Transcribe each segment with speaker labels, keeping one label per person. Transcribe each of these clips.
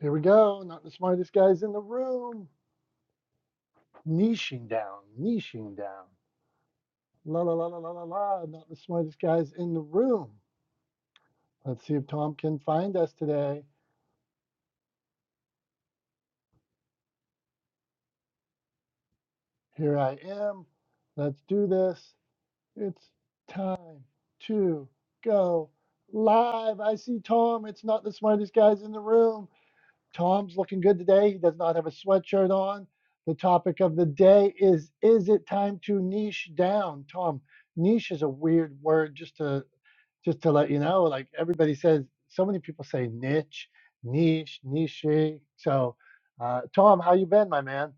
Speaker 1: Here we go. Not the smartest guys in the room. Niching down, niching down. La la la la la la la. Not the smartest guys in the room. Let's see if Tom can find us today. Here I am. Let's do this. It's time to go live. I see Tom. It's not the smartest guys in the room. Tom's looking good today. He does not have a sweatshirt on. The topic of the day is Is it time to niche down? Tom, niche is a weird word just to just to let you know. Like everybody says, so many people say niche, niche, niche. So, uh, Tom, how you been, my man?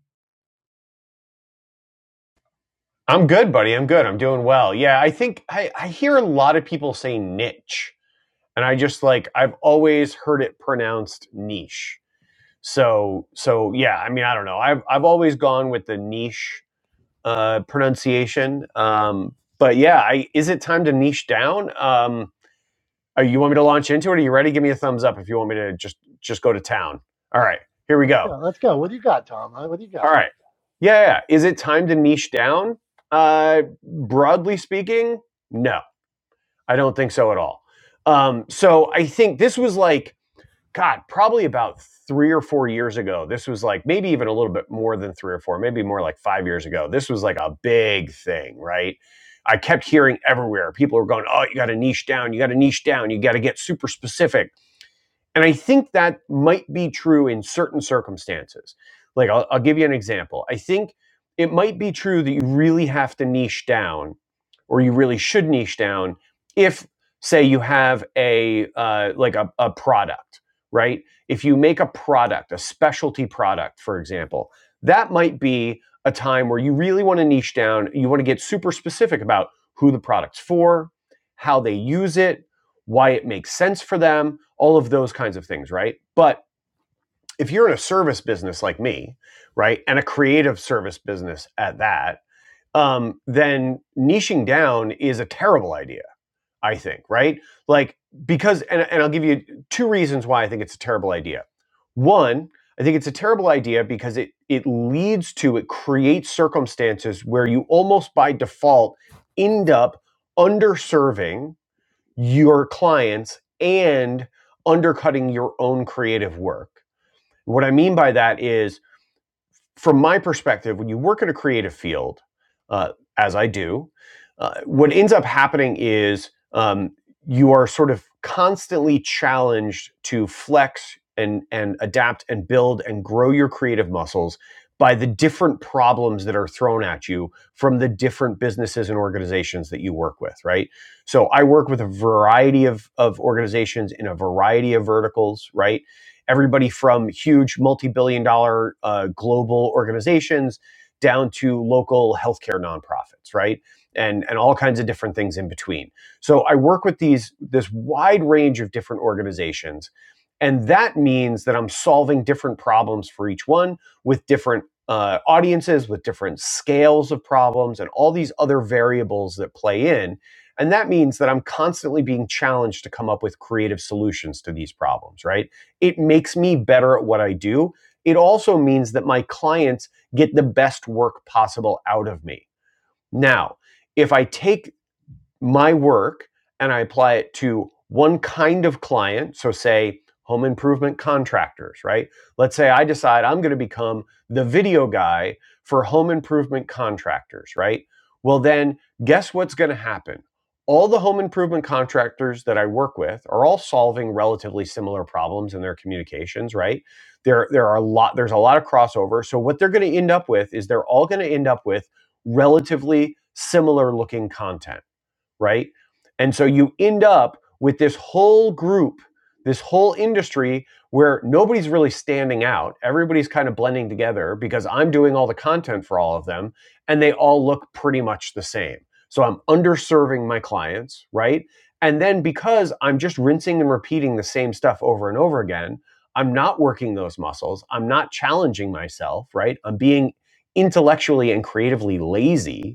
Speaker 2: I'm good, buddy. I'm good. I'm doing well. Yeah, I think I, I hear a lot of people say niche, and I just like I've always heard it pronounced niche. So so yeah, I mean I don't know. I've I've always gone with the niche uh, pronunciation. Um, but yeah, I, is it time to niche down? Um, are you want me to launch into it? Are you ready? Give me a thumbs up if you want me to just just go to town. All right, here we
Speaker 1: Let's go.
Speaker 2: go.
Speaker 1: Let's go. What do you got, Tom? Uh, What do you got?
Speaker 2: All right, yeah. yeah. yeah. Is it time to niche down? Uh, broadly speaking, no I don't think so at all. Um, so I think this was like, God, probably about three or four years ago. This was like maybe even a little bit more than three or four, maybe more like five years ago. This was like a big thing, right? I kept hearing everywhere people were going, Oh, you got to niche down. You got to niche down. You got to get super specific. And I think that might be true in certain circumstances. Like, I'll, I'll give you an example. I think it might be true that you really have to niche down, or you really should niche down, if, say, you have a uh, like a, a product, right? If you make a product, a specialty product, for example, that might be a time where you really want to niche down. You want to get super specific about who the product's for, how they use it, why it makes sense for them, all of those kinds of things, right? But if you're in a service business like me, right, and a creative service business at that, um, then niching down is a terrible idea, I think, right? Like, because, and, and I'll give you two reasons why I think it's a terrible idea. One, I think it's a terrible idea because it, it leads to, it creates circumstances where you almost by default end up underserving your clients and undercutting your own creative work. What I mean by that is from my perspective, when you work in a creative field, uh, as I do, uh, what ends up happening is um, you are sort of constantly challenged to flex and and adapt and build and grow your creative muscles by the different problems that are thrown at you from the different businesses and organizations that you work with right so i work with a variety of, of organizations in a variety of verticals right everybody from huge multi-billion dollar uh, global organizations down to local healthcare nonprofits, right? And and all kinds of different things in between. So I work with these this wide range of different organizations, and that means that I'm solving different problems for each one with different uh, audiences, with different scales of problems, and all these other variables that play in. And that means that I'm constantly being challenged to come up with creative solutions to these problems, right? It makes me better at what I do. It also means that my clients get the best work possible out of me. Now, if I take my work and I apply it to one kind of client. So, say home improvement contractors, right? Let's say I decide I'm going to become the video guy for home improvement contractors, right? Well, then guess what's going to happen? All the home improvement contractors that I work with are all solving relatively similar problems in their communications, right? There, there are a lot, there's a lot of crossover. So what they're going to end up with is they're all going to end up with relatively similar looking content right? And so you end up with this whole group, this whole industry where nobody's really standing out. Everybody's kind of blending together because I'm doing all the content for all of them and they all look pretty much the same. So I'm underserving my clients, right? And then because I'm just rinsing and repeating the same stuff over and over again, I'm not working those muscles. I'm not challenging myself, right? I'm being intellectually and creatively lazy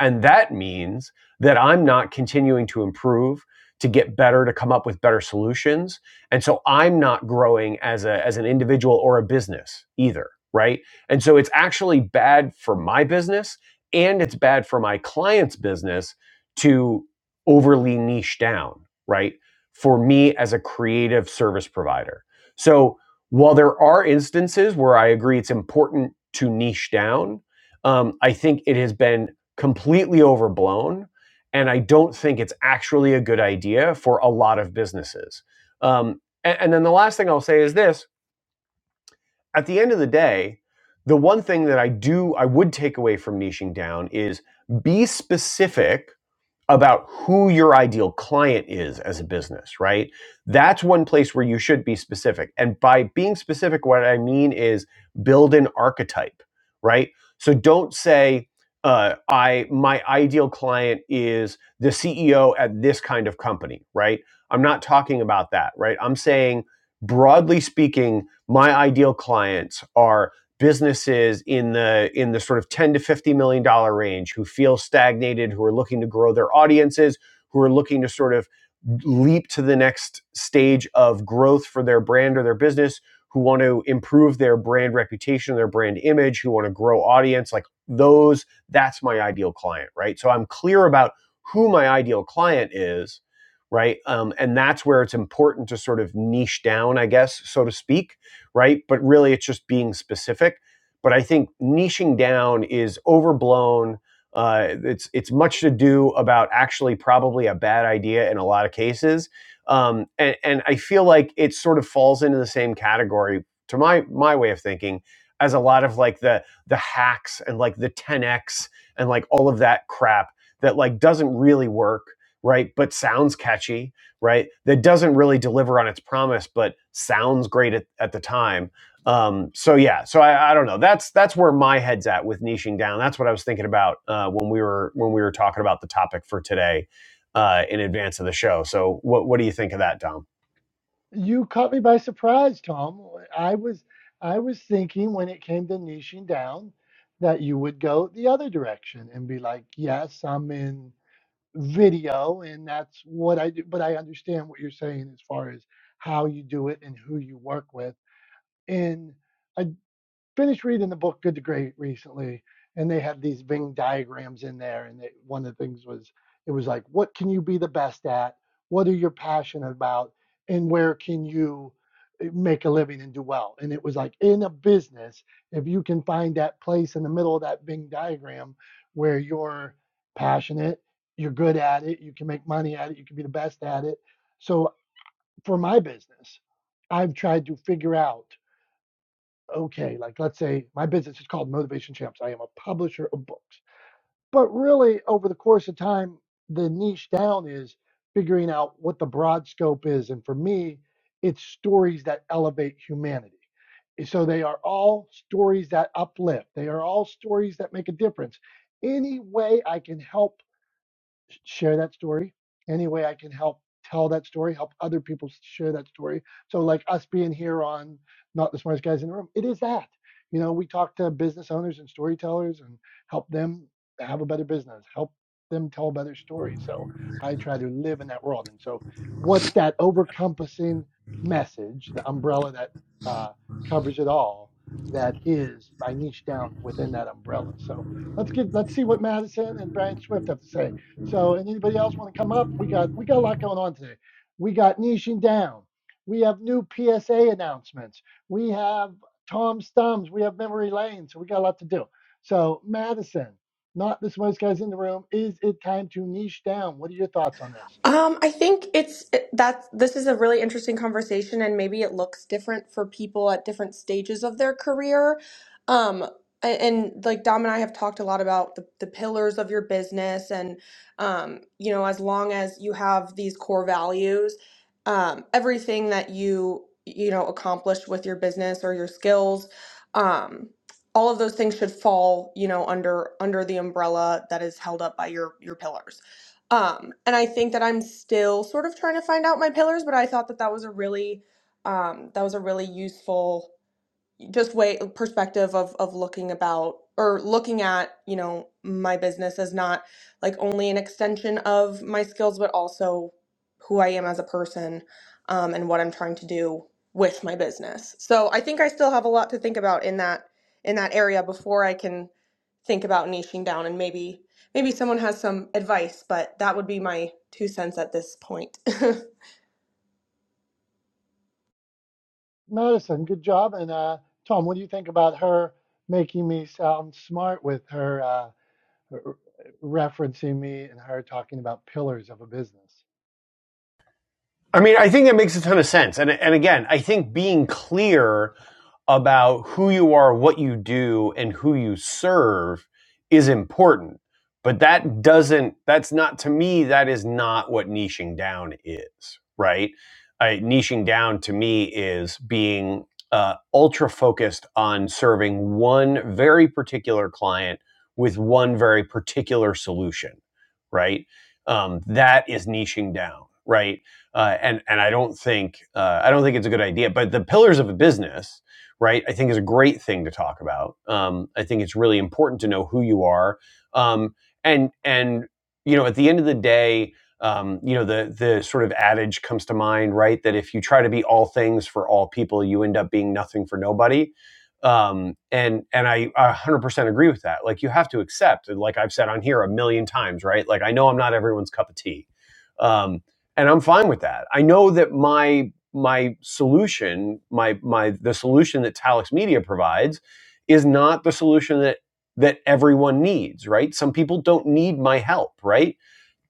Speaker 2: and that means that I'm not continuing to improve, to get better, to come up with better solutions. And so I'm not growing as a as an individual or a business either, right? And so it's actually bad for my business and it's bad for my client's business to overly niche down, right? For me as a creative service provider. So while there are instances where I agree it's important to niche down, um, I think it has been completely overblown. And I don't think it's actually a good idea for a lot of businesses. Um, and, and then the last thing I'll say is this at the end of the day, the one thing that I do, I would take away from niching down is be specific about who your ideal client is as a business, right? That's one place where you should be specific. And by being specific, what I mean is build an archetype, right? So don't say, uh, I my ideal client is the CEO at this kind of company, right? I'm not talking about that, right? I'm saying broadly speaking, my ideal clients are businesses in the in the sort of 10 to 50 million dollar range who feel stagnated who are looking to grow their audiences who are looking to sort of leap to the next stage of growth for their brand or their business who want to improve their brand reputation their brand image who want to grow audience like those that's my ideal client right so i'm clear about who my ideal client is right um, and that's where it's important to sort of niche down i guess so to speak right? But really, it's just being specific. But I think niching down is overblown. Uh, it's it's much to do about actually probably a bad idea in a lot of cases, um, and and I feel like it sort of falls into the same category to my my way of thinking as a lot of like the the hacks and like the 10x and like all of that crap that like doesn't really work, right? But sounds catchy, right? That doesn't really deliver on its promise, but sounds great at, at the time. Um, so yeah, so I, I don't know. That's that's where my head's at with niching down. That's what I was thinking about uh, when we were when we were talking about the topic for today uh, in advance of the show. So what what do you think of that, Dom?
Speaker 1: You caught me by surprise, Tom. I was I was thinking when it came to niching down that you would go the other direction and be like, "Yes, I'm in video and that's what I do." But I understand what you're saying as far as how you do it and who you work with. And I finished reading the book Good to Great recently, and they had these Venn diagrams in there. And it, one of the things was it was like, what can you be the best at? What are you passionate about? And where can you eh, make a living and do well? And it was like in a business, if you can find that place in the middle of that Venn diagram where you're passionate, you're good at it, you can make money at it, you can be the best at it. So for my business, I've tried to figure out okay, like let's say my business is called Motivation Champs. I am a publisher of books. But really, over the course of time, the niche down is figuring out what the broad scope is. And for me, it's stories that elevate humanity. And So they are all stories that uplift, they are all stories that make a difference. Any way I can help sh- share that story any way i can help tell that story help other people s- share that story so like us being here on not the smartest guys in the room it is that you know we talk to business owners and storytellers and help them have a better business help them tell a better story so i try to live in that world and so what's that overcompassing message the umbrella that uh, covers it all that is i niche down within that umbrella so let's get let's see what madison and brian swift have to say so, and anybody else want to come up? We got we got a lot going on today. We got niching down. We have new PSA announcements. We have Tom Stums. We have memory lane. So we got a lot to do. So Madison, not the smartest guys in the room. Is it time to niche down? What are your thoughts on this?
Speaker 3: Um, I think it's it, that this is a really interesting conversation, and maybe it looks different for people at different stages of their career. Um, a- and, like Dom and I have talked a lot about the, the pillars of your business, and um, you know, as long as you have these core values, um, everything that you you know accomplish with your business or your skills, um, all of those things should fall you know under under the umbrella that is held up by your your pillars um, and I think that I'm still sort of trying to find out my pillars, but I thought that that was a really, um, that was a really useful just way perspective of of looking about or looking at, you know, my business as not like only an extension of my skills, but also who I am as a person, um, and what I'm trying to do with my business. So I think I still have a lot to think about in that in that area before I can think about niching down and maybe maybe someone has some advice, but that would be my two cents at this point.
Speaker 1: Madison, good job. And uh, Tom, what do you think about her making me sound smart with her, uh, r- referencing me and her talking about pillars of a business?
Speaker 2: I mean, I think that makes a ton of sense. And and again, I think being clear about who you are, what you do, and who you serve is important. But that doesn't that's not to me that is not what niching down is, right? I, niching down to me is being uh, ultra focused on serving one very particular client with one very particular solution, right? Um, that is niching down, right? uh, and and I don't think uh, I don't think it's a good idea. But the pillars of a business, right? I think is a great thing to talk about. Um, I think it's really important to know who you are, um, and and you know at the end of the day. Um, you know the the sort of adage comes to mind, right? That if you try to be all things for all people, you end up being nothing for nobody. Um, and and I 100% agree with that. Like you have to accept, like I've said on here a million times, right? Like I know I'm not everyone's cup of tea, um, and I'm fine with that. I know that my my solution, my my the solution that Talix Media provides is not the solution that that everyone needs, right? Some people don't need my help, right?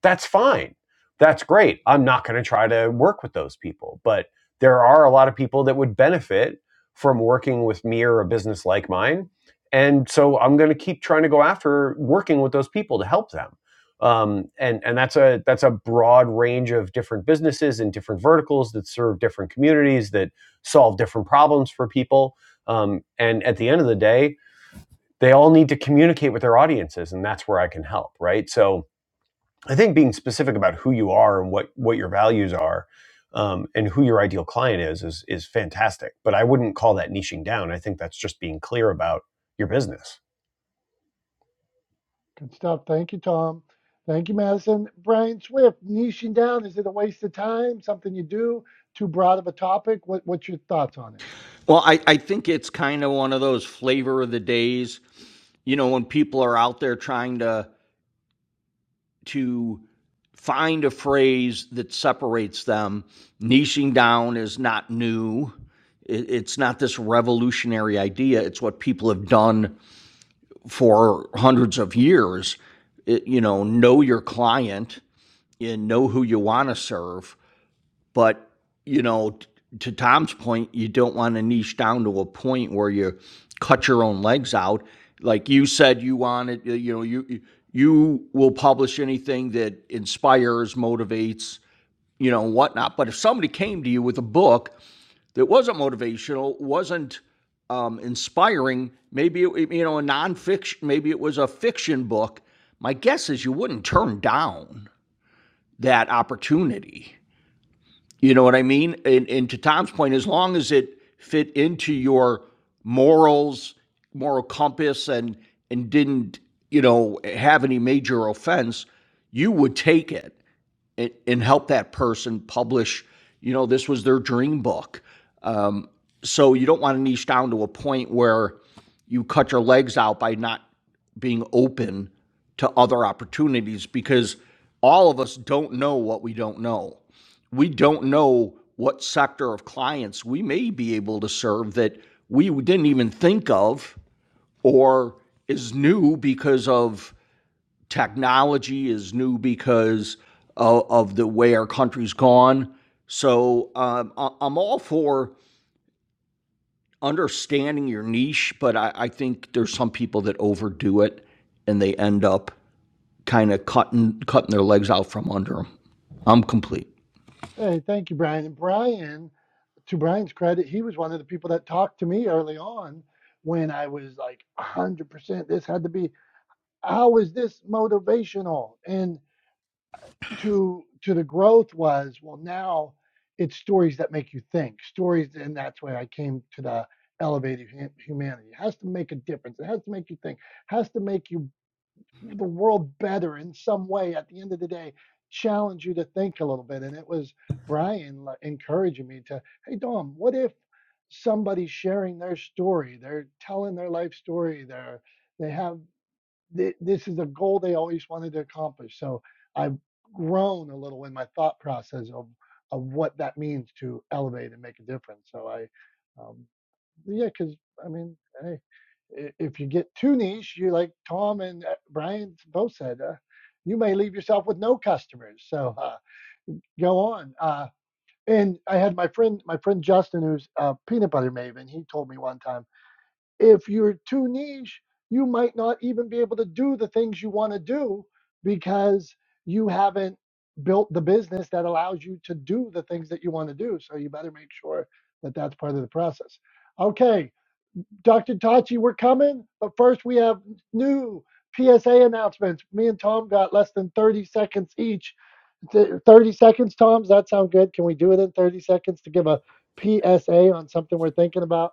Speaker 2: that's fine. That's great. I'm not going to try to work with those people. But there are a lot of people that would benefit from working with me or a business like mine. And so I'm going to keep trying to go after working with those people to help them. Um, and and that's a that's a broad range of different businesses and different verticals that serve different communities that solve different problems for people. Um, and at the end of the day, they all need to communicate with their audiences, and that's where I can help. Right. So I think being specific about who you are and what what your values are, um, and who your ideal client is is is fantastic. But I wouldn't call that niching down. I think that's just being clear about your business.
Speaker 1: Good stuff. Thank you, Tom. Thank you, Madison. Brian Swift, niching down, is it a waste of time? Something you do? Too broad of a topic? What, what's your thoughts on it?
Speaker 4: Well, I, I think it's kind of one of those flavor of the days, you know, when people are out there trying to to find a phrase that separates them. Niching down is not new. It, it's not this revolutionary idea. It's what people have done for hundreds of years. It, you know, know your client and know who you want to serve. But, you know, t- to Tom's point, you don't want to niche down to a point where you cut your own legs out. Like you said, you wanted, you know, you you will publish anything that inspires, motivates, you know, whatnot. But if somebody came to you with a book that wasn't motivational, wasn't um, inspiring, maybe it, you know, a nonfiction, maybe it was a fiction book. My guess is you wouldn't turn down that opportunity. You know what I mean? And, and to Tom's point, as long as it fit into your morals, moral compass, and and didn't you know have any major offense, you would take it and, and help that person publish, you know, this was their dream book. Um, so you don't want to niche down to a point where you cut your legs out by not being open to other opportunities because all of us don't know what we don't know. We don't know what sector of clients we may be able to serve that we didn't even think of or is new because of technology is new because of, of the way our country's gone. So um, I, am all for understanding your niche, but I, I think there's some people that overdo it and they end up kind of cutting cutting their legs out from under them. I'm complete.
Speaker 1: Hey, thank you, Brian. And Brian, to Brian's credit, he was one of the people that talked to me early on when I was like 100% this had to be, how is this motivational? and to to the growth was well now it's stories that make you think stories and that's why i came to the elevated humanity it has to make a difference it has to make you think It has to make you the world better in some way at the end of the day challenge you to think a little bit and it was brian like, encouraging me to hey dom what if somebody's sharing their story they're telling their life story they're they have th- this is a goal they always wanted to accomplish. So I've grown a little in my thought process of of what that means to elevate and make a difference. So I, um, yeah, because I mean, hey, i- if you get too niche, you like Tom and uh, Brian both said, uh, you may leave yourself with no customers. So uh, go on. Uh, and I had my friend, my friend Justin, who's a peanut butter maven. He told me one time if you're too niche, you might not even be able to do the things you want to do because you haven't built the business that allows you to do the things that you want to do. So you better make sure that that's part of the process. Okay, Dr. Tachi, we're coming, but first we have new PSA announcements. Me and Tom got less than 30 seconds each. Th- 30 seconds, Tom, does that sound good? Can we do it in 30 seconds to give a PSA on something we're thinking about?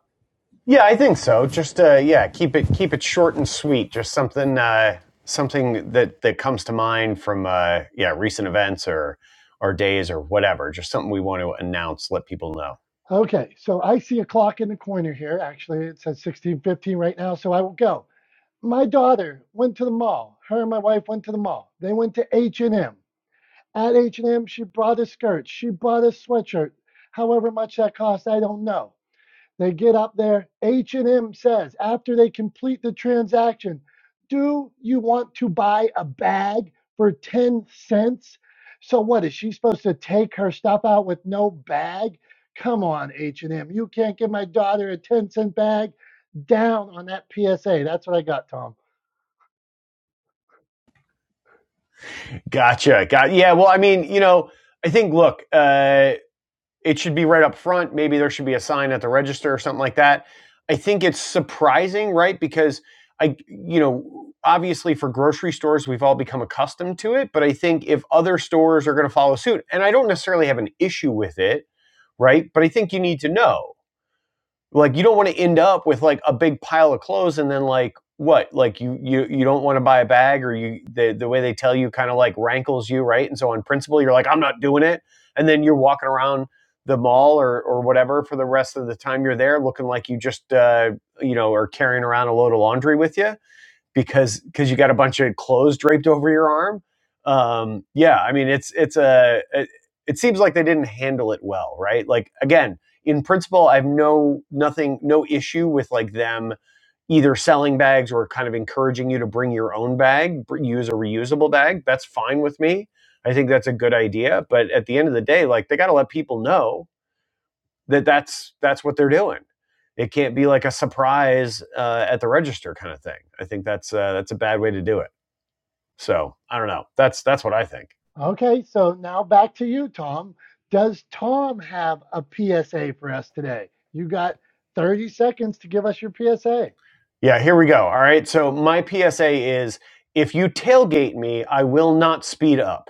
Speaker 2: Yeah, I think so. Just uh, yeah, keep it keep it short and sweet. Just something uh, something that that comes to mind from uh, yeah recent events or or days or whatever. Just something we want to announce, let people know.
Speaker 1: Okay, so I see a clock in the corner here. Actually, it says 16:15 right now, so I will go. My daughter went to the mall. Her and my wife went to the mall. They went to H&M. At H&M, she brought a skirt. She brought a sweatshirt. However much that cost, I don't know. They get up there. H&M says after they complete the transaction, "Do you want to buy a bag for 10 cents?" So what is she supposed to take her stuff out with no bag? Come on, H&M. You can't give my daughter a 10 cent bag. Down on that PSA. That's what I got, Tom.
Speaker 2: Gotcha. Got yeah. Well, I mean, you know, I think look, uh, it should be right up front. Maybe there should be a sign at the register or something like that. I think it's surprising, right? Because I, you know, obviously for grocery stores, we've all become accustomed to it. But I think if other stores are going to follow suit, and I don't necessarily have an issue with it, right? But I think you need to know. Like you don't want to end up with like a big pile of clothes and then like what? Like you you you don't want to buy a bag or you the the way they tell you kind of like rankles you, right? And so on principle you're like I'm not doing it and then you're walking around the mall or or whatever for the rest of the time you're there looking like you just uh you know are carrying around a load of laundry with you because because you got a bunch of clothes draped over your arm. Um, yeah, I mean it's it's a it, it seems like they didn't handle it well, right? Like again, in principle, I have no nothing no issue with like them either selling bags or kind of encouraging you to bring your own bag, use a reusable bag. That's fine with me. I think that's a good idea, but at the end of the day, like they got to let people know that that's that's what they're doing. It can't be like a surprise uh, at the register kind of thing. I think that's uh, that's a bad way to do it. So I don't know. That's that's what I think.
Speaker 1: Okay, so now back to you, Tom. Does Tom have a PSA for us today? You got 30 seconds to give us your PSA.
Speaker 2: Yeah, here we go. All right. So my PSA is: if you tailgate me, I will not speed up.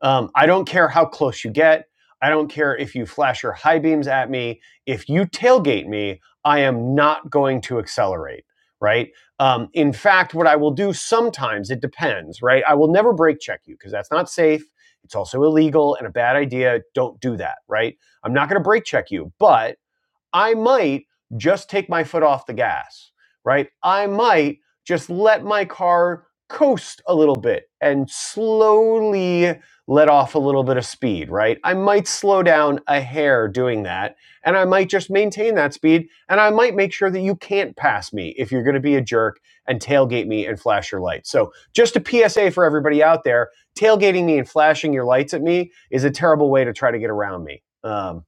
Speaker 2: Um, I don't care how close you get. I don't care if you flash your high beams at me. If you tailgate me, I am not going to accelerate, right? Um, in fact, what I will do sometimes, it depends, right? I will never brake check you because that's not safe. It's also illegal and a bad idea. Don't do that, right? I'm not going to brake check you, but I might just take my foot off the gas, right? I might just let my car coast a little bit and slowly let off a little bit of speed, right? I might slow down a hair doing that, and I might just maintain that speed, and I might make sure that you can't pass me if you're going to be a jerk and tailgate me and flash your lights. So, just a PSA for everybody out there tailgating me and flashing your lights at me is a terrible way to try to get around me. Um,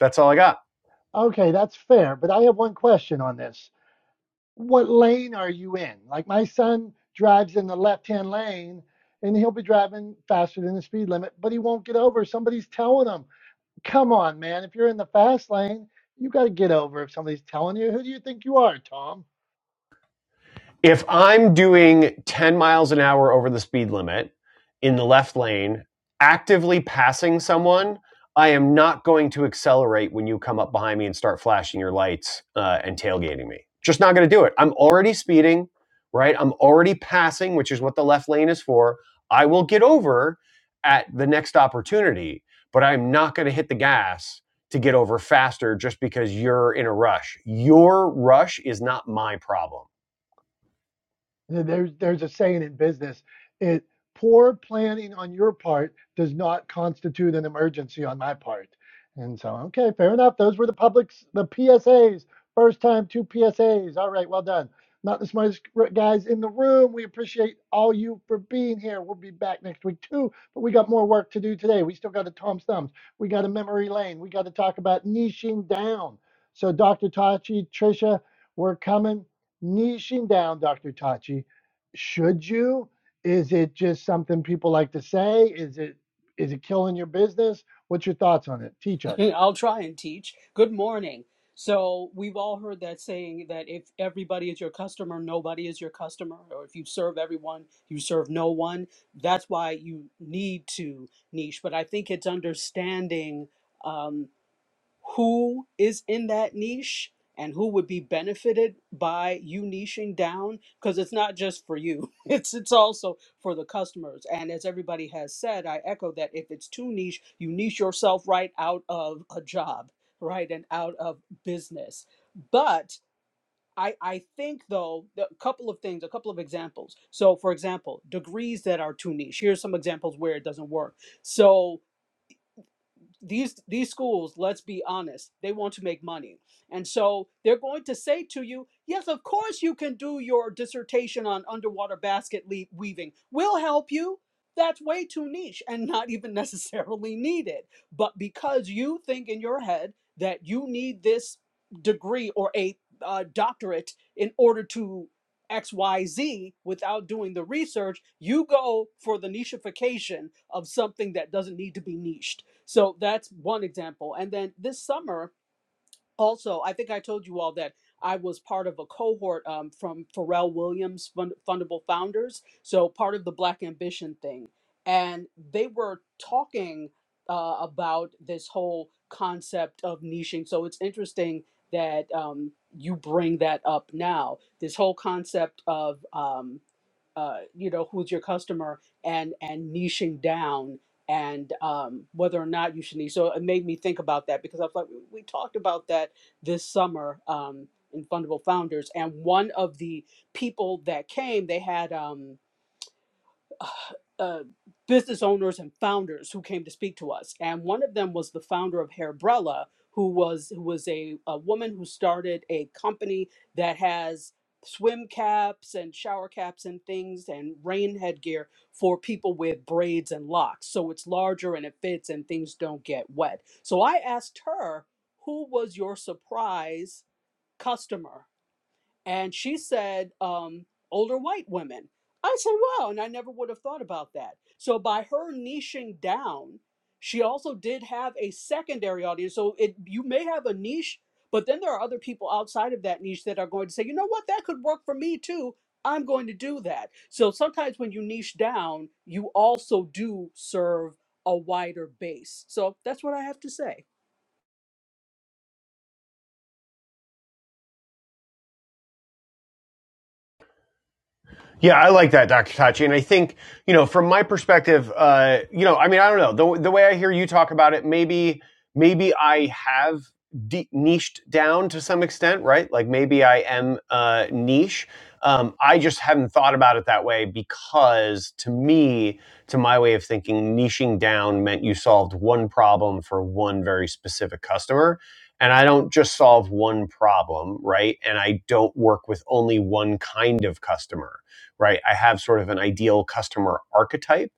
Speaker 2: that's all I got.
Speaker 1: Okay, that's fair, but I have one question on this. What lane are you in? Like my son drives in the left-hand lane and he'll be driving faster than the speed limit, but he won't get over. Somebody's telling him. Come on, man, if you're in the fast lane, you got to get over if somebody's telling you. Who do you think you are, Tom?
Speaker 2: if I'm doing 10 miles an hour over the speed limit in the left lane, actively passing someone, I am not going to accelerate when you come up behind me and start flashing your lights uh, and tailgating me. Just not going to do it. I'm already speeding, right? I'm already passing, which is what the left lane is for. I will get over at the next opportunity, but I'm not going to hit the gas to get over faster just because you're in a rush. Your rush is not my problem
Speaker 1: There's there's a saying in business, it poor planning on your part does not constitute an emergency on my part. And so, okay, fair enough. Those were the public's the PSAs. First time, two PSAs. All right, well done. Not the smartest guys in the room. We appreciate all you for being here. We'll be back next week too, but we got more work to do today. We still got a Tom's Thumbs. We got a memory lane. We got to talk about niching down. So, Dr. Tachi, Trisha, we're coming niching down, Dr. Tachi, should you? Is it just something people like to say? Is it is it killing your business? What's your thoughts on it? Teach us,
Speaker 5: I'll try and teach. Good morning. So, we've all heard that saying that if everybody is your customer, nobody is your customer, or if you serve everyone, you serve no one. That's why you need to niche. But I think it's understanding. um, who is in that niche and who would be benefited by you niching down because it's not just for you it's it's also for the customers and as everybody has said i echo that if it's too niche you niche yourself right out of a job right and out of business but I, I think though a couple of things a couple of examples so for example degrees that are too niche here's some examples where it doesn't work so these these schools let's be honest they want to make money and so they're going to say to you yes of course you can do your dissertation on underwater basket weaving we'll help you that's way too niche and not even necessarily needed but because you think in your head that you need this degree or a uh, doctorate in order to xyz without doing the research you go for the nicheification of something that doesn't need to be niched so that's one example. And then this summer, also, I think I told you all that I was part of a cohort um, from Pharrell Williams Fund- Fundable Founders, so part of the Black Ambition thing. And they were talking uh, about this whole concept of niching. So it's interesting that um, you bring that up now. This whole concept of um, uh, you know who's your customer and and niching down and um, whether or not you should niche. So it made me think about that because I was like, we we talked about that this summer um, in Fundable Founders, and one of the people that came, they had. Um, uh, uh, business owners and founders who came to speak to us, and one of them was the founder of Hairbrella, who was who was a, a woman who started a company that has swim caps and shower caps and things and rain headgear for people with braids and locks so it's larger and it fits and things don't get wet so i asked her who was your surprise customer and she said, um, older white women. I said, wow, and I never would have thought about that. So by her niching down, she also did have a secondary audience. So it you may have a niche, but then there are other people outside of that niche that are going to say, you know what, that could work for me too. I'm going to do that. So sometimes when you niche down, you also do serve a wider base. So that's what I have to say.
Speaker 2: Yeah, I like that, Dr. Tachi. And I think, you know, from my perspective, uh, you know, I mean, I don't know. The, the way I hear you talk about it, maybe, maybe I have de- niched down to some extent, right? Like maybe I am uh, niche. Um, I just haven't thought about it that way because to me, to my way of thinking, niching down meant you solved one problem for one very specific customer. And I don't just solve one problem, right? And I don't work with only one kind of customer right? I have sort of an ideal customer archetype.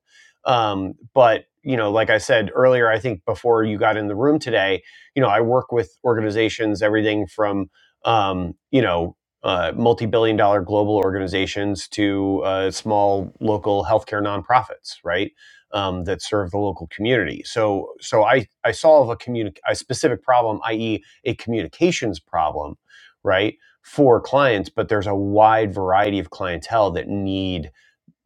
Speaker 2: Um, but you know, like I said earlier, I think before you got in the room today, you know, I work with organizations, everything from um, you know uh, multi-billion-dollar global organizations to uh, small local healthcare nonprofits, right? Um, that serve the local community. So, so I I solve a communi- a specific problem, i.e., a communications problem, right? for clients, but there's a wide variety of clientele that need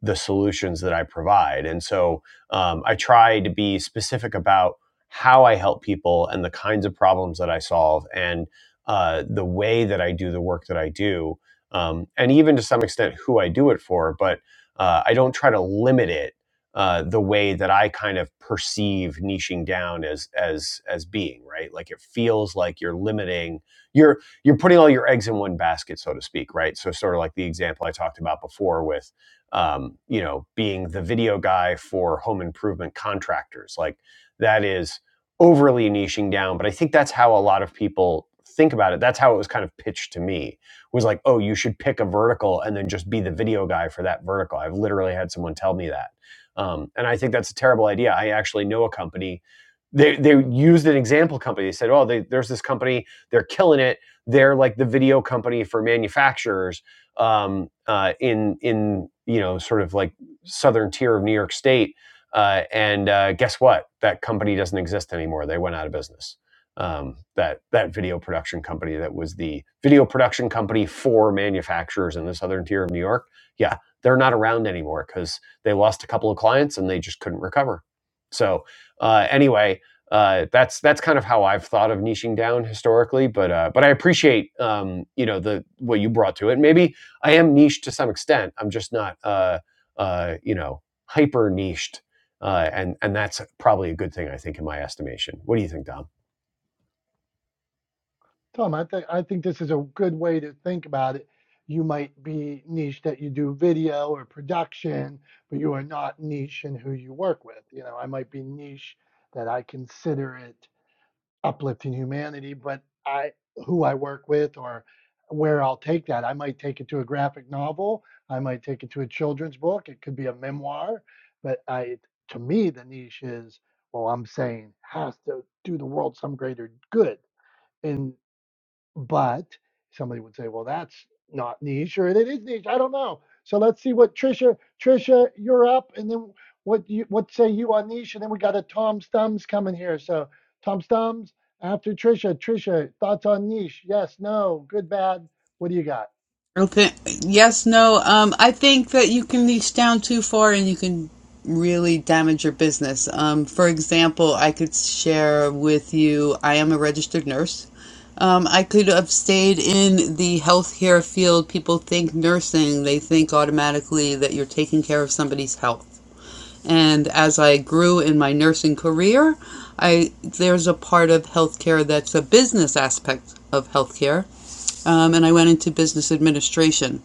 Speaker 2: the solutions that I provide. And so um, I try to be specific about how I help people and the kinds of problems that I solve and uh, the way that I do the work that I do, um, and even to some extent who I do it for. But uh, I don't try to limit it uh, the way that I kind of perceive niching down as as as being right. Like it feels like you're limiting you're you're putting all your eggs in one basket, so to speak, right? So sort of like the example I talked about before with um, you know, being the video guy for home improvement contractors. Like that is overly niching down, but I think that's how a lot of people think about it. That's how it was kind of pitched to me was like, oh, you should pick a vertical and then just be the video guy for that vertical. I've literally had someone tell me that. Um, and I think that's a terrible idea. I actually know a company. They, they used an example company. They said, oh, they, there's this company. They're killing it. They're like the video company for manufacturers um, uh, in in you know sort of like southern tier of New York State. Uh, and uh, guess what? That company doesn't exist anymore. They went out of business. Um, that that video production company that was the video production company for manufacturers in the southern tier of New York. Yeah, they're not around anymore because they lost a couple of clients and they just couldn't recover. So uh, anyway. Uh, that's that's kind of how I've thought of niching down historically, but uh, but I appreciate um, you know the what you brought to it. Maybe I am niche to some extent. I'm just not, uh, uh, you know, hyper niched, uh, and and that's probably a good thing. I think, in my estimation. What do you think, Dom?
Speaker 1: Tom. I think I think this is a good way to think about it. You might be niche that you do video or production, but you are not niche in who you work with. You know, I might be niche that I consider it. uplifting humanity, but I who I work with or where I'll take that. I might take it to a graphic novel, I might take it to a children's book, it could be a memoir, but I to me the niche is well I'm saying has to do the world some greater good. And but somebody would say, well, that's not niche, or it is niche. I don't know. So let's see what Trisha, Trisha, you're up, and then what you what say you on niche, and then we got a Tom Stums coming here. So Tom Stums after Trisha. Trisha, thoughts on niche? Yes, no, good, bad. What do you got?
Speaker 6: Okay. Yes, no. Um, I think that you can reach down too far and you can really damage your business. Um, for example, I could share with you I am a registered nurse. Um, I could have stayed in the healthcare field. People think nursing, they think automatically that you're taking care of somebody's health. And as I grew in my nursing career, I there's a part of healthcare that's a business aspect of healthcare um, and I went into business administration.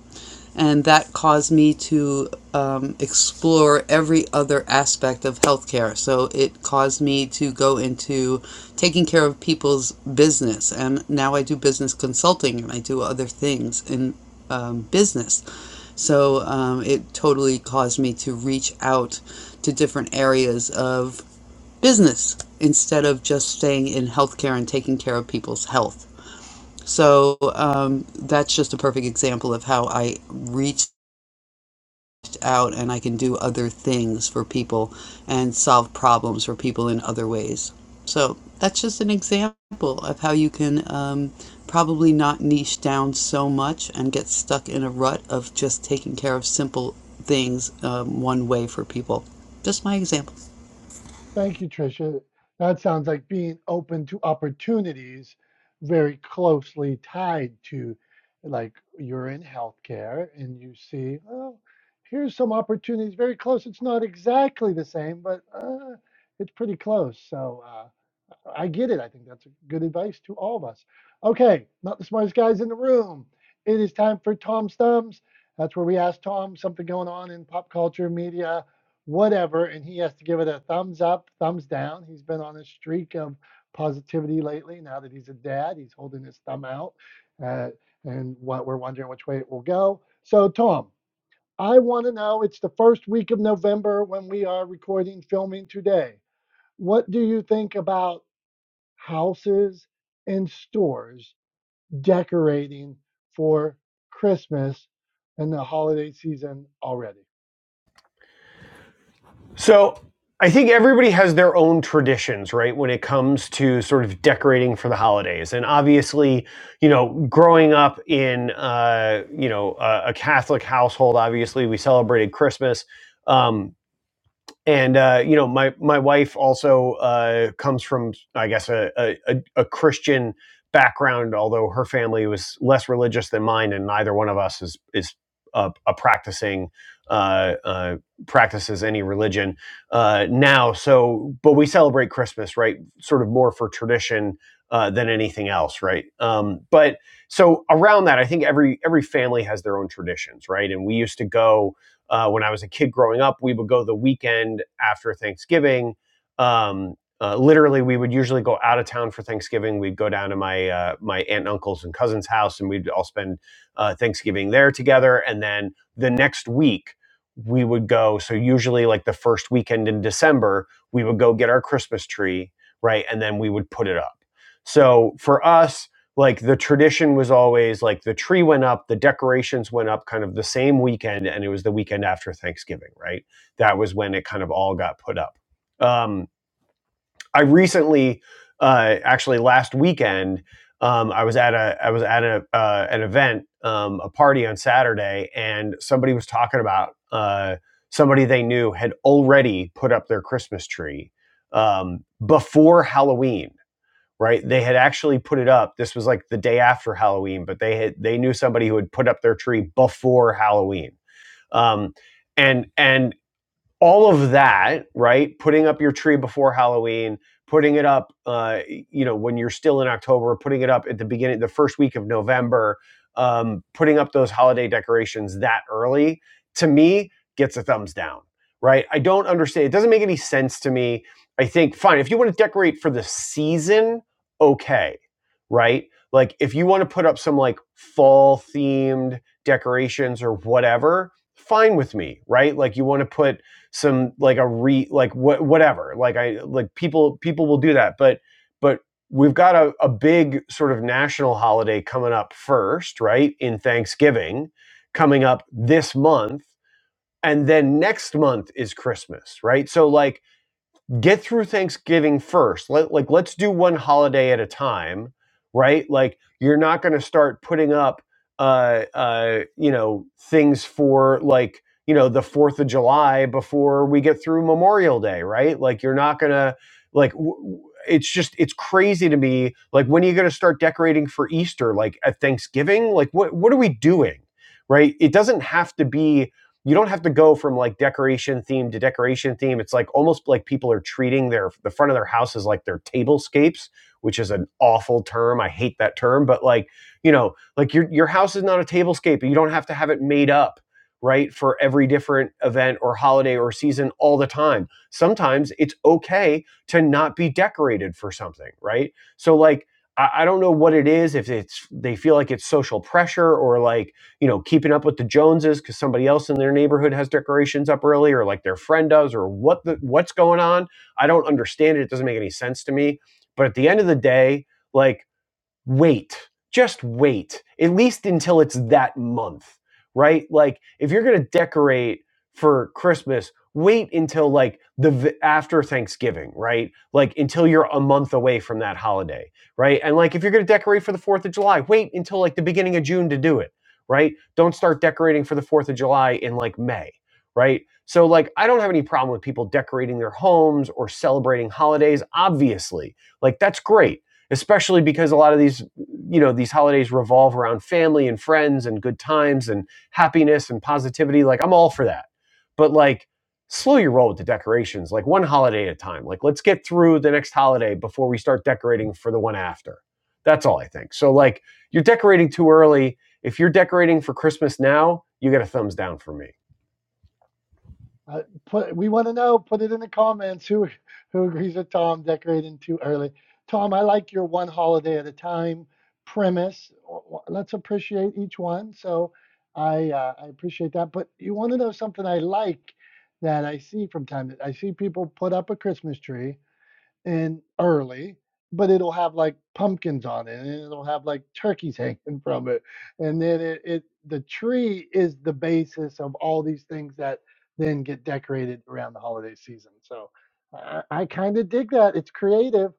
Speaker 6: And that caused me to um, explore every other aspect of healthcare. So it caused me to go into taking care of people's business. And now I do business consulting and I do other things in um, business. So um, it totally caused me to reach out to different areas of business instead of just staying in healthcare and taking care of people's health. So um, that's just a perfect example of how I reached out and I can do other things for people and solve problems for people in other ways. So that's just an example of how you can um, probably not niche down so much and get stuck in a rut of just taking care of simple things um, one way for people. Just my example.
Speaker 1: Thank you, Tricia. That sounds like being open to opportunities very closely tied to, like, you're in healthcare and you see, oh, here's some opportunities very close. It's not exactly the same, but uh, it's pretty close. So, uh, I get it. I think that's good advice to all of us. Okay, not the smartest guys in the room. It is time for Tom's Thumbs. That's where we ask Tom something going on in pop culture, media, whatever, and he has to give it a thumbs up, thumbs down. He's been on a streak of positivity lately. Now that he's a dad, he's holding his thumb out, uh, and what we're wondering which way it will go. So, Tom, I want to know. It's the first week of November when we are recording, filming today. What do you think about houses and stores decorating for Christmas and the holiday season already.
Speaker 2: So I think everybody has their own traditions, right, when it comes to sort of decorating for the holidays. And obviously, you know, growing up in, uh, you know, a, a Catholic household, obviously we celebrated Christmas. Um, and uh, you know my my wife also uh, comes from I guess a, a a- Christian background, although her family was less religious than mine, and neither one of us is is a, a practicing uh, uh, practices any religion uh, now. So, but we celebrate Christmas, right? Sort of more for tradition. Uh, than anything else, right? Um, but so around that, I think every every family has their own traditions, right? And we used to go uh, when I was a kid growing up, we would go the weekend after Thanksgiving. Um, uh, literally, we would usually go out of town for Thanksgiving. We'd go down to my uh, my aunt, and uncle's, and cousin's house, and we'd all spend uh, Thanksgiving there together. And then the next week, we would go. So usually, like the first weekend in December, we would go get our Christmas tree, right, and then we would put it up. So for us, like the tradition was always like the tree went up, the decorations went up kind of the same weekend, and it was the weekend after Thanksgiving, right? That was when it kind of all got put up. Um, I recently, uh, actually last weekend, um, I was at a I was at a uh, an event, um, a party on Saturday, and somebody was talking about uh, somebody they knew had already put up their Christmas tree um, before Halloween right they had actually put it up this was like the day after halloween but they had they knew somebody who had put up their tree before halloween um, and and all of that, right? Putting up your tree before Halloween, putting it up, uh, you know, when you're still in October, putting it up at the beginning, the first week of November, um, putting up those holiday decorations that early, to me, gets a thumbs down, right? I don't understand. It doesn't make any sense to me. I think, fine, if you want to decorate for the season, okay, right? Like, if you want to put up some like fall themed decorations or whatever, fine with me, right? Like, you want to put, some like a re like what whatever like i like people people will do that but but we've got a, a big sort of national holiday coming up first right in thanksgiving coming up this month and then next month is christmas right so like get through Thanksgiving first. Let, like, let's do one holiday at a time, right? Like, you're not going to start putting up, uh, uh, you know, things for like, you know, the 4th of July before we get through Memorial Day, right? Like, you're not going to, like, w- w- it's just, it's crazy to me. Like, when are you going to start decorating for Easter? Like, at Thanksgiving? Like, what, what are we doing? Right. It doesn't have to be you don't have to go from like decoration theme to decoration theme. It's like almost like people are treating their the front of their house as like their tablescapes, which is an awful term. I hate that term, but like, you know, like your your house is not a tablescape. and You don't have to have it made up, right? For every different event or holiday or season all the time. Sometimes it's okay to not be decorated for something, right? So like I, I don't know what it is, if it's they feel like it's social pressure or like you know, keeping up with the Joneses because somebody else in their neighborhood has decorations up early or like their friend does or what the what's going on. I don't understand it. It doesn't make any sense to me. But at the end of the day, like wait. Just wait, at least until it's that month, right? Like, if you're going to decorate for Christmas, wait until like the after Thanksgiving, right? Like, until you're a month away from that holiday, right? And like, if you're going to decorate for the 4th of July, wait until like the beginning of June to do it, right? Don't start decorating for the 4th of July in like May, right? So, like, I don't have any problem with people decorating their homes or celebrating holidays, obviously. Like, that's great especially because a lot of these you know these holidays revolve around family and friends and good times and happiness and positivity like i'm all for that but like slow your roll with the decorations like one holiday at a time like let's get through the next holiday before we start decorating for the one after that's all i think so like you're decorating too early if you're decorating for christmas now you get a thumbs down from me
Speaker 1: Uh, put, we want to know. Put it in the comments. Who who agrees with Tom decorating too early? Tom, I like your one holiday at a time premise. Let's appreciate each one. So I uh, I appreciate that. But you want to know something I like that I see from time to time. I see people put up a Christmas tree and early, but it'll have like pumpkins on it, and it'll have like turkeys hanging from it, and then it, it the tree is the basis of all these things that then get decorated around the holiday season. So I, I kind of dig that. It's creative.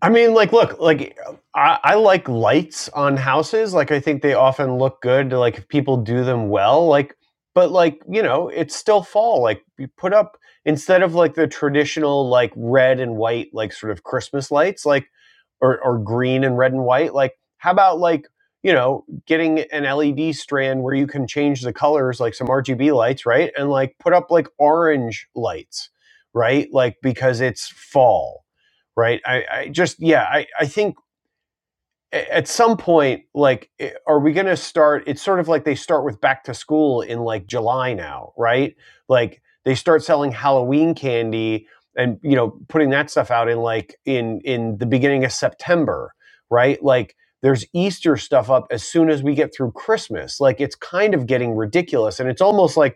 Speaker 2: I mean, like, look, like, I, I like lights on houses. Like, I think they often look good. Like, if people do them well, like, but like, you know, it's still fall. Like, you put up instead of like the traditional like red and white like sort of Christmas lights, like, or or green and red and white. Like, how about like you know getting an LED strand where you can change the colors, like some RGB lights, right? And like put up like orange lights, right? Like because it's fall right? I, I just yeah, I, I think at some point, like, eh, are we going to start? It's sort of like they start with back to school in like July now, right? Like they start selling Halloween candy and you know putting that stuff out in like in in the beginning of September, right? Like there's Easter stuff up as soon as we get through Christmas. Like it's kind of getting ridiculous, and it's almost like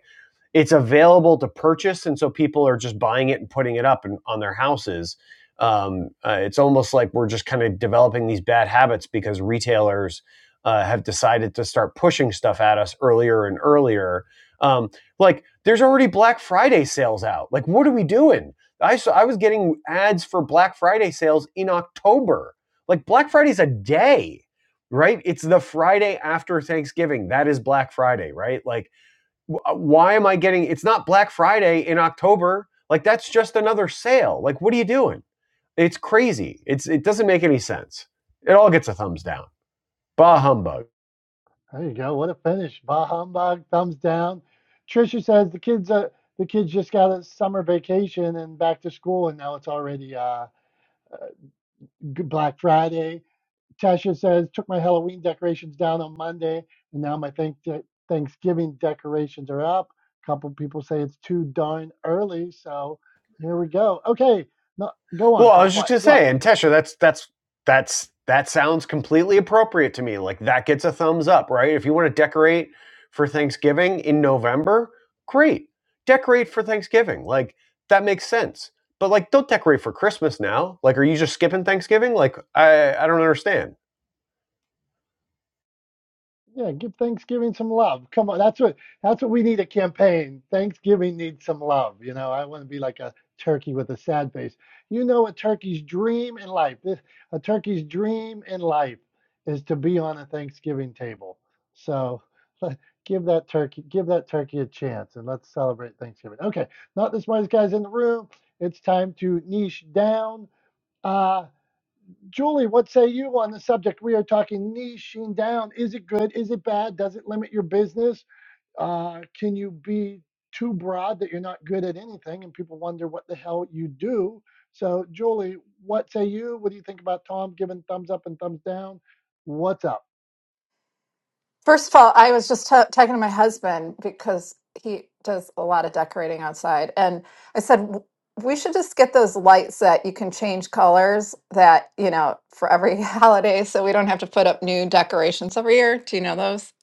Speaker 2: it's available to purchase, and so people are just buying it and putting it up in, on their houses. Um, uh, it's almost like we're just kind of developing these bad habits because retailers uh, have decided to start pushing stuff at us earlier and earlier. Um, like there's already Black Friday sales out. Like what are we doing? I saw, I was getting ads for Black Friday sales in October. Like Black Friday's a day, right? It's the Friday after Thanksgiving. That is Black Friday, right? Like uh, why am I getting it's not Black Friday in October? Like that's just another sale. Like what are you doing? It's crazy. It's it doesn't make any sense. It all gets a thumbs down. Bah humbug.
Speaker 1: There you go. What a finish. Bah humbug. Thumbs down. Trisha says the kids uh, the kids just got a summer vacation and back to school, and now it's already uh, uh, Black Friday Tasha says, took my Halloween decorations down on Monday, and now my Thanksgiving decorations are up. A couple people say it's too darn early, so here we go. Okay, no, go on,
Speaker 2: Well, I
Speaker 1: Tom.
Speaker 2: was just
Speaker 1: What?
Speaker 2: gonna
Speaker 1: What?
Speaker 2: say, and Tesha, that's that's that's that sounds completely appropriate to me. Like that gets a thumbs up, right? If you want to decorate for Thanksgiving in November, great. Decorate for Thanksgiving. Like that makes sense. But like don't decorate for Christmas now. Like are you just skipping Thanksgiving? Like I I don't understand
Speaker 1: Yeah, give Thanksgiving some love. Come on, that's what that's what we need a campaign. Thanksgiving needs some love. You know, I want to be like a turkey with a sad face. You know, a turkey's dream in life. This a turkey's dream in life is to be on a Thanksgiving table. So let, give that turkey give that turkey a chance and let's celebrate Thanksgiving. Okay, not the smartest guys in the room. It's time to niche down. Uh, Julie, what say you on the subject? We are talking niching down. Is it good? Is it bad? Does it limit your business? Uh, can you be too broad that you're not good at anything and people wonder what the hell you do? So, Julie, what say you? What do you think about Tom giving thumbs up and thumbs down? What's up?
Speaker 7: First of all, I was just t- talking to my husband because he does a lot of decorating outside. And I said, "W- we should just get those lights that you can change colors that, you know, for every holiday so we don't have to put up new decorations every year. Do you know those?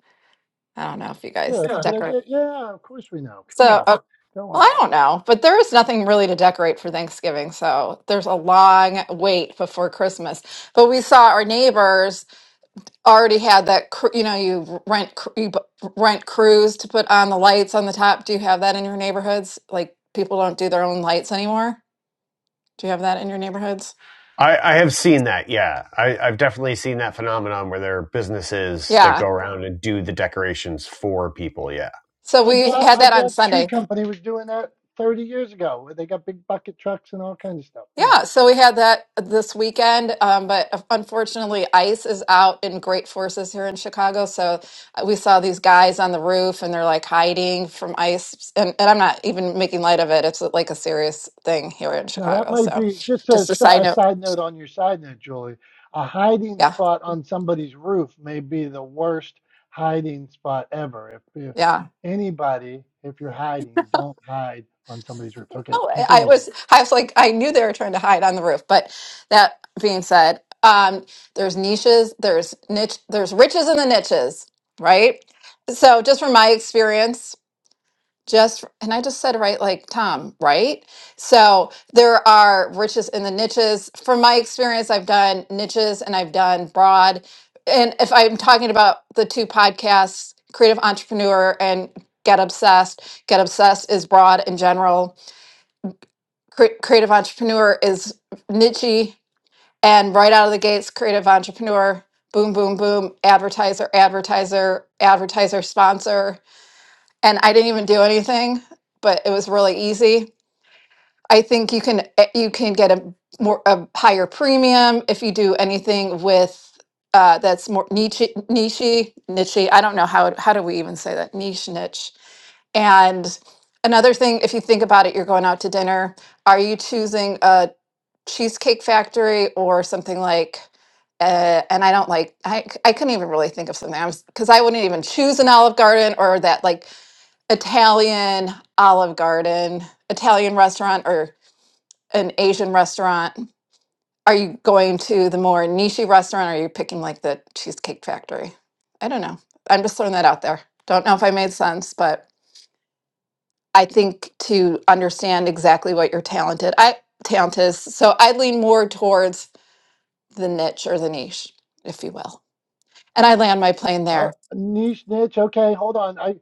Speaker 7: I don't know if you
Speaker 1: Yeah,
Speaker 7: guys
Speaker 1: that's a
Speaker 7: Yeah.
Speaker 1: good
Speaker 7: decorate.
Speaker 1: idea. Yeah, of course we know.
Speaker 7: So,
Speaker 1: Come on,
Speaker 7: uh,
Speaker 1: go
Speaker 7: well,
Speaker 1: on.
Speaker 7: I don't know, but there is nothing really to decorate for Thanksgiving. So there's a long wait before Christmas. But we saw our neighbors already had that cr- you know you rent cr- you bu- rent crews to put on the lights on the top do you have that in your neighborhoods like people don't do their own lights anymore do you have that in your neighborhoods
Speaker 2: I, I have seen that. Yeah, I, I've definitely seen that phenomenon where there are businesses that
Speaker 7: yeah
Speaker 2: go around and do the decorations for people. Yeah,
Speaker 7: so
Speaker 1: My
Speaker 7: we
Speaker 1: dad,
Speaker 7: had
Speaker 1: my
Speaker 7: that on
Speaker 1: dad's tree
Speaker 7: sunday
Speaker 1: company was doing that 30 years ago. They got big bucket trucks and all kinds of stuff. Yeah.
Speaker 7: yeah so we had that this weekend um, but unfortunately ice is out in great forces here in chicago so uh, we saw these guys on the roof and they're like hiding from ice and, and i'm not even making light of it it's like a serious thing here in
Speaker 1: Now that
Speaker 7: chicago
Speaker 1: might
Speaker 7: so
Speaker 1: be just a,
Speaker 7: just a
Speaker 1: si-
Speaker 7: side
Speaker 1: a
Speaker 7: note
Speaker 1: side note on your side note, Julie. A hiding
Speaker 7: yeah
Speaker 1: spot on somebody's roof may be the worst hiding spot ever. If, if
Speaker 7: yeah
Speaker 1: anybody, if you're hiding, don't hide on somebody's roof. Okay,
Speaker 7: Oh, I I
Speaker 1: continue, Julie.
Speaker 7: was, I was like, I knew they were trying to hide on the roof. But that being said, um, there's niches, there's niche, there's riches in the niches, right? So just from my experience, just and I just said right, like Tom, right? So there are riches in the niches. From my experience, I've done niches and I've done broad. And if I'm talking about the two podcasts, Creative Entrepreneur and Get Obsessed, Get Obsessed is broad in general Cre- creative entrepreneur is nichey and right out of the gates creative entrepreneur boom boom boom advertiser advertiser advertiser sponsor and i didn't even do anything but it was really easy i think you can eh, you can get a more a higher premium if you do anything with uh, that's more niche niche niche i don't know how how do we even say that niche niche and another thing, if you think about it, you're going out to dinner. Are you choosing a Cheesecake Factory or something like. Uh, and I don't like. I I c- I couldn't even really think of something. I was because I wouldn't even choose an Olive Garden or that like Italian Olive Garden, Italian restaurant or an Asian restaurant. Are you going to the more niche restaurant or are you picking like the Cheesecake Factory? I don't know. I'm just throwing that out there. Don't know if I made sense, but I think to understand exactly what you're talented, I talent is. So I lean more towards the niche or the niche, if you will. And I land my plane
Speaker 1: Uh,
Speaker 7: there.
Speaker 1: niche niche. Okay, hold on. I,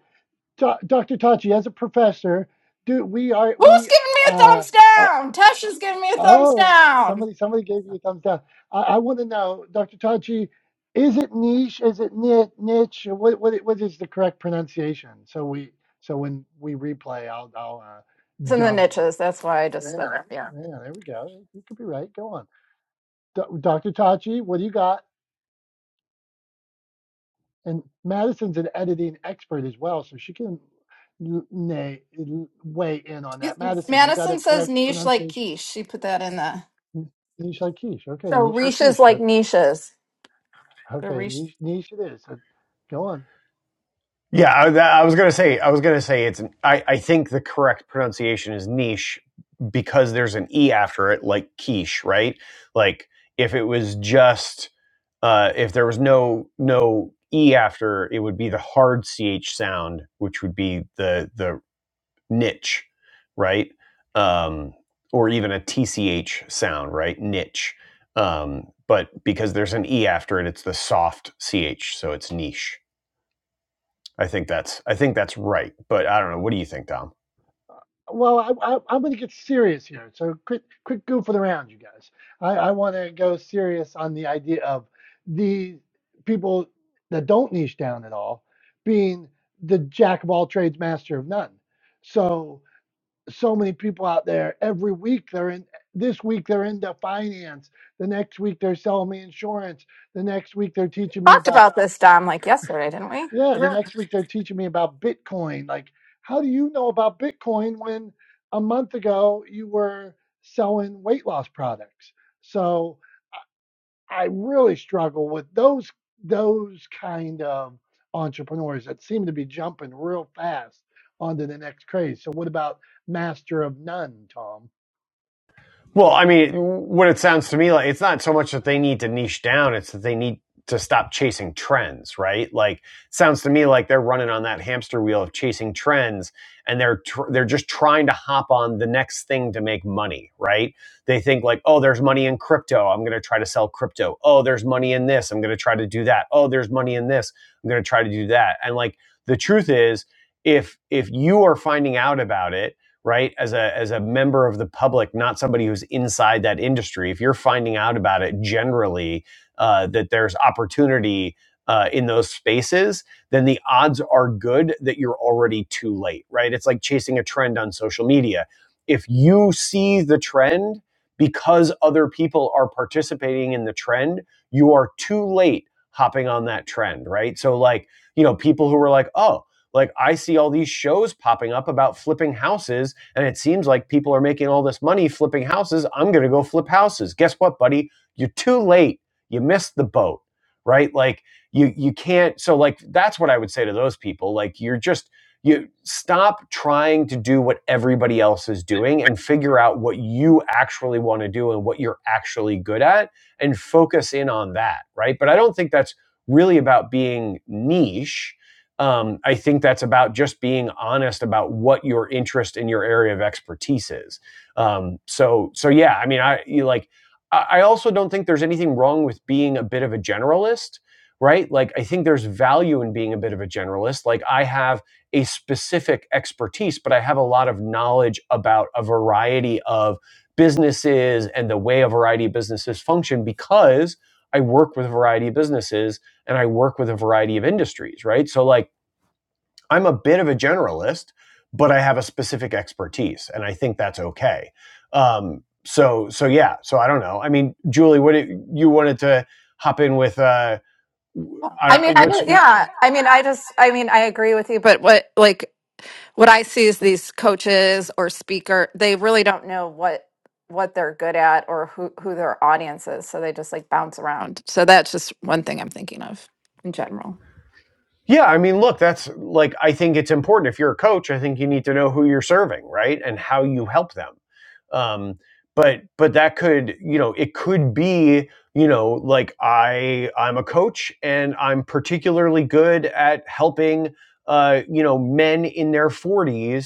Speaker 1: Do- Dr. Tachi, as a professor, do we are
Speaker 7: Who's
Speaker 1: we
Speaker 7: giving me a
Speaker 1: uh,
Speaker 7: thumbs down? Tasha's giving me a thumbs
Speaker 1: Oh,
Speaker 7: down.
Speaker 1: somebody somebody gave you a thumbs down. I, I want to know, Dr. Tachi, is it niche? Is it ni- niche? What what what is the correct pronunciation? So we so when we replay, I'll I'll uh,
Speaker 7: It's in the
Speaker 1: dub the.
Speaker 7: niches. That's why I just put it. Yeah.
Speaker 1: Yeah, there we go. You could be right. Go on, Do- Dr. Tachi. What do you got? And Madison's an editing expert as well, so she can n- nay, weigh in on that. Madison, you got a
Speaker 7: Madison says
Speaker 1: correct
Speaker 7: niche like
Speaker 1: pronunciation.
Speaker 7: quiche. She put that in the.
Speaker 1: N- Niche like quiche. Okay,
Speaker 7: So
Speaker 1: niche like
Speaker 7: reaches
Speaker 1: quiche.
Speaker 7: like niches. The
Speaker 1: Okay,
Speaker 7: reach
Speaker 1: niche niche it is. So go on.
Speaker 2: yeah. I, I was gonna say. I was gonna say it's. I, I think the correct pronunciation is niche because there's an e after it, like quiche, right? Like if it was just, uh, if there was no no e after, it would be the hard ch sound, which would be the the niche, right? Um, or even a TCH sound, right? Niche. Um, but because there's an E after it, it's the soft CH, so it's niche. I think that's I think that's right. But I don't know. What do you think, Dom?
Speaker 1: Well, I, I, I'm going to get serious here. So quick, quick goofing around, you guys. I, I want to go serious on the idea of the people that don't niche down at all being the jack of all trades, master of none. So so many people out there every week they're in this week they're into finance the next week they're selling me insurance the next week they're teaching me
Speaker 7: talked
Speaker 1: about
Speaker 7: about this, Dom, like yesterday, didn't we?
Speaker 1: Yeah, the next week they're teaching me about Bitcoin. Like, how do you know about Bitcoin when a month ago you were selling weight loss products? So I really struggle with those those kind of entrepreneurs that seem to be jumping real fast onto the next craze. So what about master of none, Tom?
Speaker 2: Well, I mean, what it sounds to me like it's not so much that they need to niche down, it's that they need to stop chasing trends, right? Like sounds to me like they're running on that hamster wheel of chasing trends and they're tr- they're just trying to hop on the next thing to make money, right? They think like, "Oh, there's money in crypto. I'm going to try to sell crypto. Oh, there's money in this. I'm going to try to do that. Oh, there's money in this. I'm going to try to do that." And like the truth is if if you are finding out about it right as a as a member of the public not somebody who's inside that industry if you're finding out about it generally uh, that there's opportunity uh, in those spaces then the odds are good that you're already too late right it's like chasing a trend on social media if you see the trend because other people are participating in the trend you are too late hopping on that trend right so like you know people who were like oh like i see all these shows popping up about flipping houses and it seems like people are making all this money flipping houses. I'm going to go flip houses. Guess what, buddy? You're too late. You missed the boat, right? Like you you can't so like that's what I would say to those people. Like you're just you stop trying to do what everybody else is doing and figure out what you actually want to do and what you're actually good at and focus in on that, right? But I don't think that's really about being niche um, I think that's about just being honest about what your interest in your area of expertise is. Um, so, so yeah, I mean, I you like, I I also don't think there's anything wrong with being a bit of a generalist, right? Like, I think there's value in being a bit of a generalist. Like, I have a specific expertise, but I have a lot of knowledge about a variety of businesses and the way a variety of businesses function because I work with a variety of businesses and I work with a variety of industries, right? So, like I'm a bit of a generalist, but I have a specific expertise, and I think that's okay. Um, so so yeah. So I don't know. I mean, Julie, what did, you wanted to hop in with? Uh,
Speaker 7: I
Speaker 2: I,
Speaker 7: mean, I
Speaker 2: what's
Speaker 7: just, yeah. I mean, I just, I mean, I agree with you, but what, like, what I see is these coaches or speaker, they really don't know what what they're good at or who who their audience is, so they just like bounce around. So that's just one thing I'm thinking of in general.
Speaker 2: Yeah, I mean, look, that's like I think it's important. If you're a coach, I think you need to know who you're serving, right, and how you help them. Um, but but that could you know it could be you know like I I'm a coach and I'm particularly good at helping uh, you know men in their 40s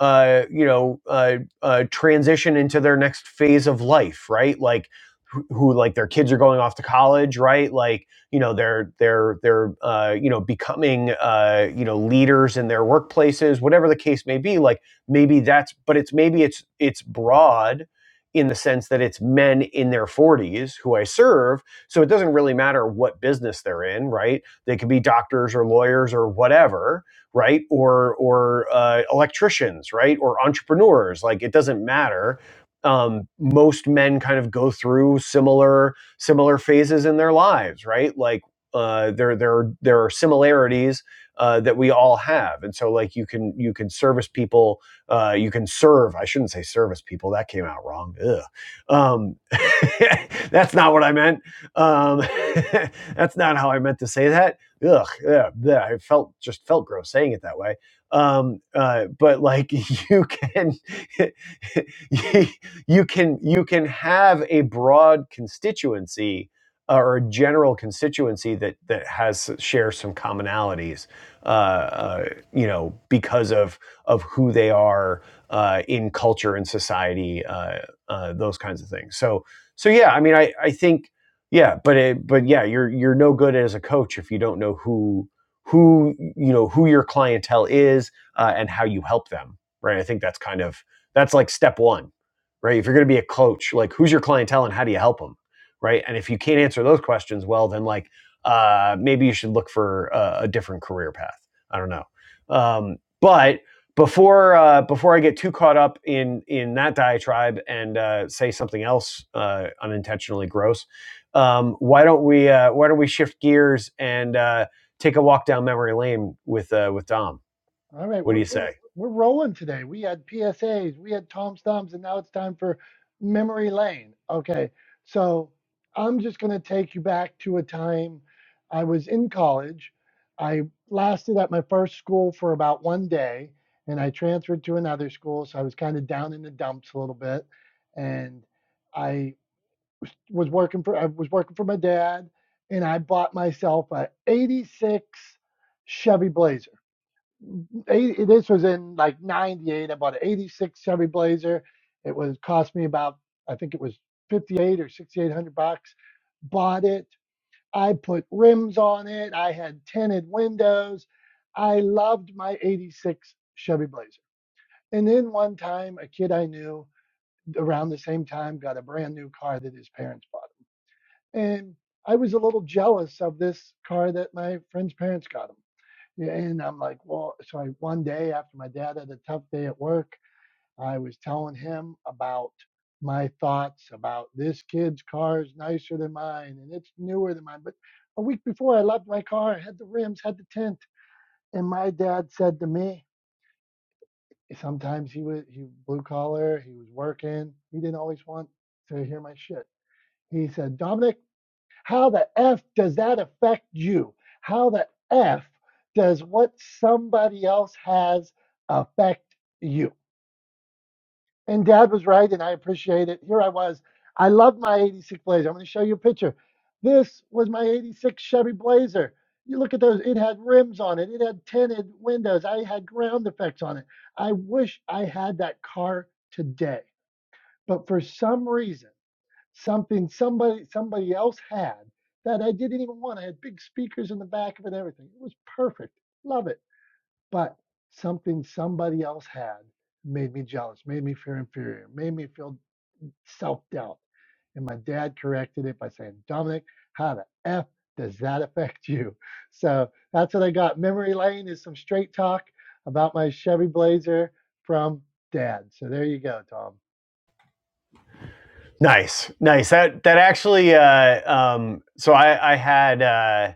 Speaker 2: uh, you know uh, uh, transition into their next phase of life, right? Like who, who like their kids are going off to college, right? Like you know they're they're they're uh, you know becoming uh, you know leaders in their workplaces whatever the case may be like maybe that's but it's maybe it's it's broad in the sense that it's men in their 40s who I serve so it doesn't really matter what business they're in right they could be doctors or lawyers or whatever right or or uh, electricians right or entrepreneurs like it doesn't matter um, most men kind of go through similar similar phases in their lives, right? Like uh, there there there are similarities uh, that we all have, and so like you can you can service people, uh, you can serve. I shouldn't say service people. That came out wrong. Ugh. Um, that's not what I meant. Um, that's not how I meant to say that. Ugh, yeah, yeah, I felt just felt gross saying it that way. Um, uh, but like you can you, you can you can have a broad constituency uh, or a general constituency that that has shares some commonalities, uh, uh, you know, because of of who they are uh, in culture and society, uh, uh, those kinds of things. So so yeah, I mean, I I think yeah, but it, but yeah, you're you're no good as a coach if you don't know who who you know who your clientele is uh, and how you help them right i think that's kind of that's like step one right? If you're going to be a coach, like who's your clientele and how do you help them, right? And if you can't answer those questions well, then like uh, maybe you should look for a, a different career path. I don't know, um, but before uh, before I get too caught up in in that diatribe and uh, say something else uh, unintentionally gross, um, why don't we uh, why don't we shift gears and uh, take a walk down memory lane with uh, with Dom?
Speaker 1: All right,
Speaker 2: What do
Speaker 1: we're,
Speaker 2: you
Speaker 1: we're
Speaker 2: say?
Speaker 1: we're rolling today. We had PSAs, we had Tom Thumbs, and now it's time for memory lane. Okay, so I'm just gonna take you back to a time I was in college. I lasted at my first school for about one day, and I transferred to another school, so I was kind of down in the dumps a little bit, and I was working for I was working for my dad, and I bought myself a '86 Chevy Blazer. 80, this was in like 98 i bought an 86 chevy blazer it was cost me about i think it was 58 or 6800 bucks bought it i put rims on it i had tinted windows i loved my 86 chevy blazer and then one time a kid i knew around the same time got a brand new car that his parents bought and I was a little jealous of this car that my friend's parents got him. Yeah, And I'm like, well, so I one day after my dad had a tough day at work, I was telling him about my thoughts about this kid's car is nicer than mine and it's newer than mine. But a week before I loved my car, I had the rims, had the tint. And my dad said to me, sometimes he was he blue collar, he was working, he didn't always want to hear my shit. He said, Dominic, how the F does that affect you? How the F does what somebody else has affect you? And dad was right, and I appreciate it. Here I was. I love my 86 Blazer. I'm going to show you a picture. This was my 86 Chevy Blazer. You look at those, it had rims on it, it had tinted windows, I had ground effects on it. I wish I had that car today. But for some reason, something somebody somebody else had that I didn't even want. I had big speakers in the back of it, and everything. It was perfect. Love it. But something somebody else had made me jealous, made me feel inferior, made me feel self doubt. And my dad corrected it by saying, Dominic, how the F does that affect you? So that's what I got. Memory lane is some straight talk about my Chevy Blazer from dad. So there you go, Tom.
Speaker 2: Nice, nice. That that actually. Uh, um, so I, I had uh,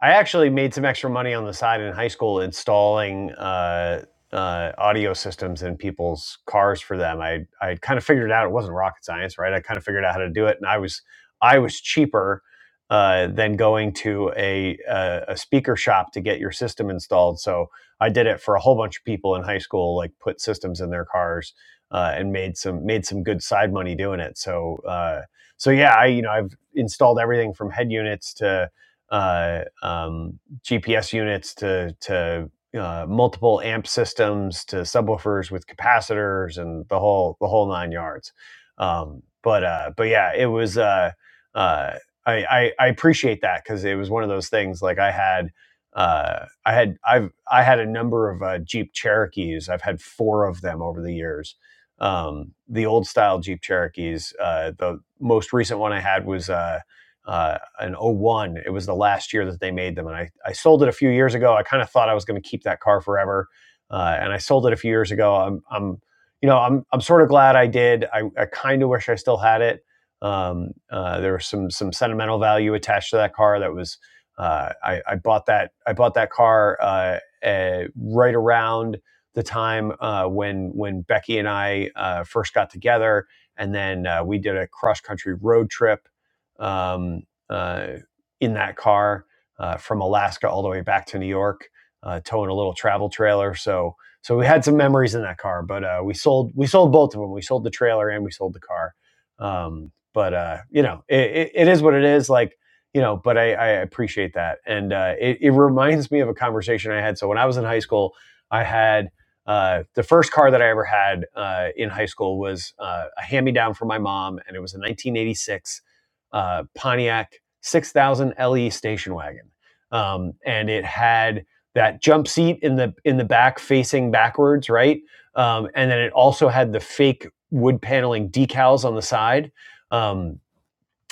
Speaker 2: I actually made some extra money on the side in high school installing uh, uh, audio systems in people's cars for them. I I kind of figured it out it wasn't rocket science, right? I kind of figured out how to do it, and I was I was cheaper uh, than going to a, a a speaker shop to get your system installed. So I did it for a whole bunch of people in high school, like put systems in their cars uh, and made some made some good side money doing it. So uh, so yeah, I you know I've installed everything from head units to uh, um, GPS units to to uh, multiple amp systems to subwoofers with capacitors and the whole the whole nine yards. Um, but uh, but yeah, it was. Uh, uh, I, I, I appreciate that because it was one of those things like I had uh, I had I've I had a number of uh, Jeep Cherokees. I've had four of them over the years um, the old style Jeep Cherokees. Uh, the most recent one I had was uh, uh, an '01. It was the last year that they made them. And I, I sold it a few years ago. I kind of thought I was going to keep that car forever. Uh, and I sold it a few years ago. I'm, I'm you know, I'm, I'm sort of glad I did. I, I kind of wish I still had it. Um, uh, there was some, some sentimental value attached to that car that was, uh, I, I bought that, I bought that car, uh, uh, right around the time uh, when when Becky and I uh, first got together, and then uh, we did a cross country road trip um, uh, in that car uh, from Alaska all the way back to New York, uh, towing a little travel trailer. So so we had some memories in that car, but uh, we sold we sold both of them. We sold the trailer and we sold the car. Um, but uh, you know, it, it, it is what it is. Like you know, but I, I appreciate that, and uh, it, it reminds me of a conversation I had. So when I was in high school, I had uh, the first car that I ever had uh, in high school was uh, a hand me down from my mom, and it was a 1986 uh, Pontiac 6000 LE station wagon, um, and it had that jump seat in the in the back facing backwards, right? Um, and then it also had the fake wood paneling decals on the side. Um,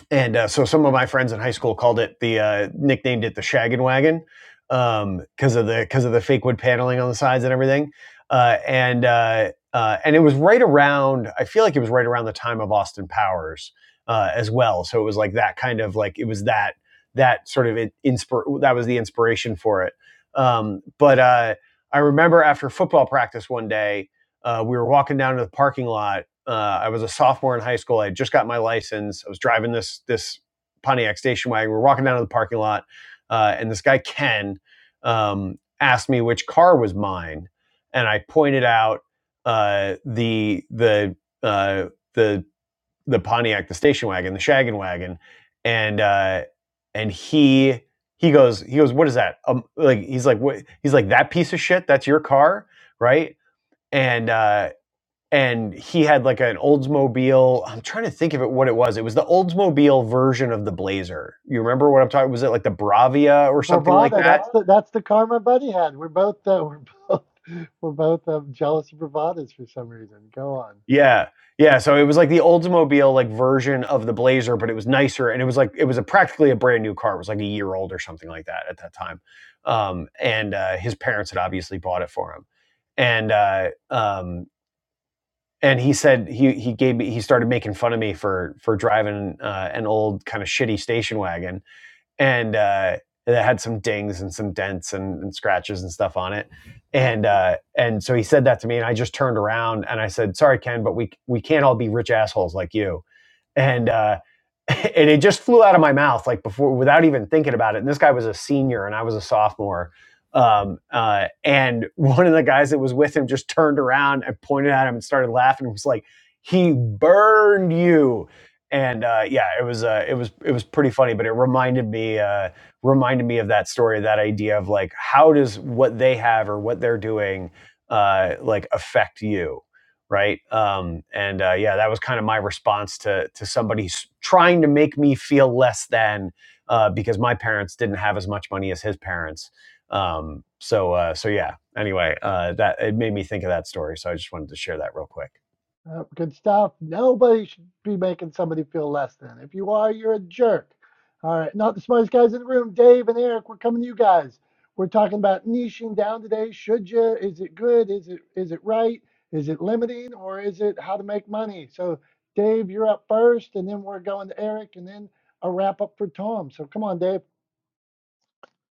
Speaker 2: and uh, so some of my friends in high school called it the uh, nicknamed it the shaggin' wagon um, because of the because of the fake wood paneling on the sides and everything uh, and uh, uh, and it was right around i feel like it was right around the time of austin powers uh, as well so it was like that kind of like it was that that sort of in- inspir- that was the inspiration for it um, but uh, i remember after football practice one day uh, we were walking down to the parking lot uh, I was a sophomore in high school. I just got my license. I was driving this this Pontiac station wagon. We are walking down to the parking lot, uh, and this guy Ken um, asked me which car was mine, and I pointed out uh, the the uh, the the Pontiac, the station wagon, the shaggin wagon, and uh, and he he goes he goes what is that um, like he's like what he's like that piece of shit that's your car right and uh, and he had like an Oldsmobile. I'm trying to think of it what it was. It was the Oldsmobile version of the Blazer. You remember what I'm talking? Was it like the Bravia or something like
Speaker 1: Bravada,
Speaker 2: that?
Speaker 1: that's the that's the karma Buddy had. We're both uh, we're both we're both um, jealous of bravadas for some reason. Go on.
Speaker 2: Yeah. Yeah, so it was like the Oldsmobile like version of the Blazer, but it was nicer, and it was like it was a practically a brand new car. It was like a year old or something like that at that time, um, and uh, his parents had obviously bought it for him, and uh, um, and he said he he gave me he started making fun of me for for driving uh, an old kind of shitty station wagon, and uh, that had some dings and some dents and, and scratches and stuff on it. And uh, and so he said that to me, and I just turned around and I said, "Sorry, Ken, but we we can't all be rich assholes like you." and uh, and it just flew out of my mouth like before without even thinking about it. And this guy was a senior and I was a sophomore. Um, uh, and one of the guys that was with him just turned around and pointed at him and started laughing and was like, "He burned you." And uh, yeah, it was uh, it was it was pretty funny, but it reminded me uh, reminded me of that story, that idea of like how does what they have or what they're doing uh, like affect you? right? Um, and uh, yeah, that was kind of my response to to somebody trying to make me feel less than uh, because my parents didn't have as much money as his parents. Um, so uh, so yeah. Anyway, uh, that it made me think of that story, so I just wanted to share that real quick.
Speaker 1: Uh, good stuff. Nobody should be making somebody feel less than. If you are, you're a jerk. All right, not the smartest guys in the room. Dave and Eric, we're coming to you guys. We're talking about niching down today. Should you? Is it good? Is it is it right? Is it limiting or is it how to make money? So Dave, you're up first, and then we're going to Eric, and then a wrap up for Tom. So come on, Dave.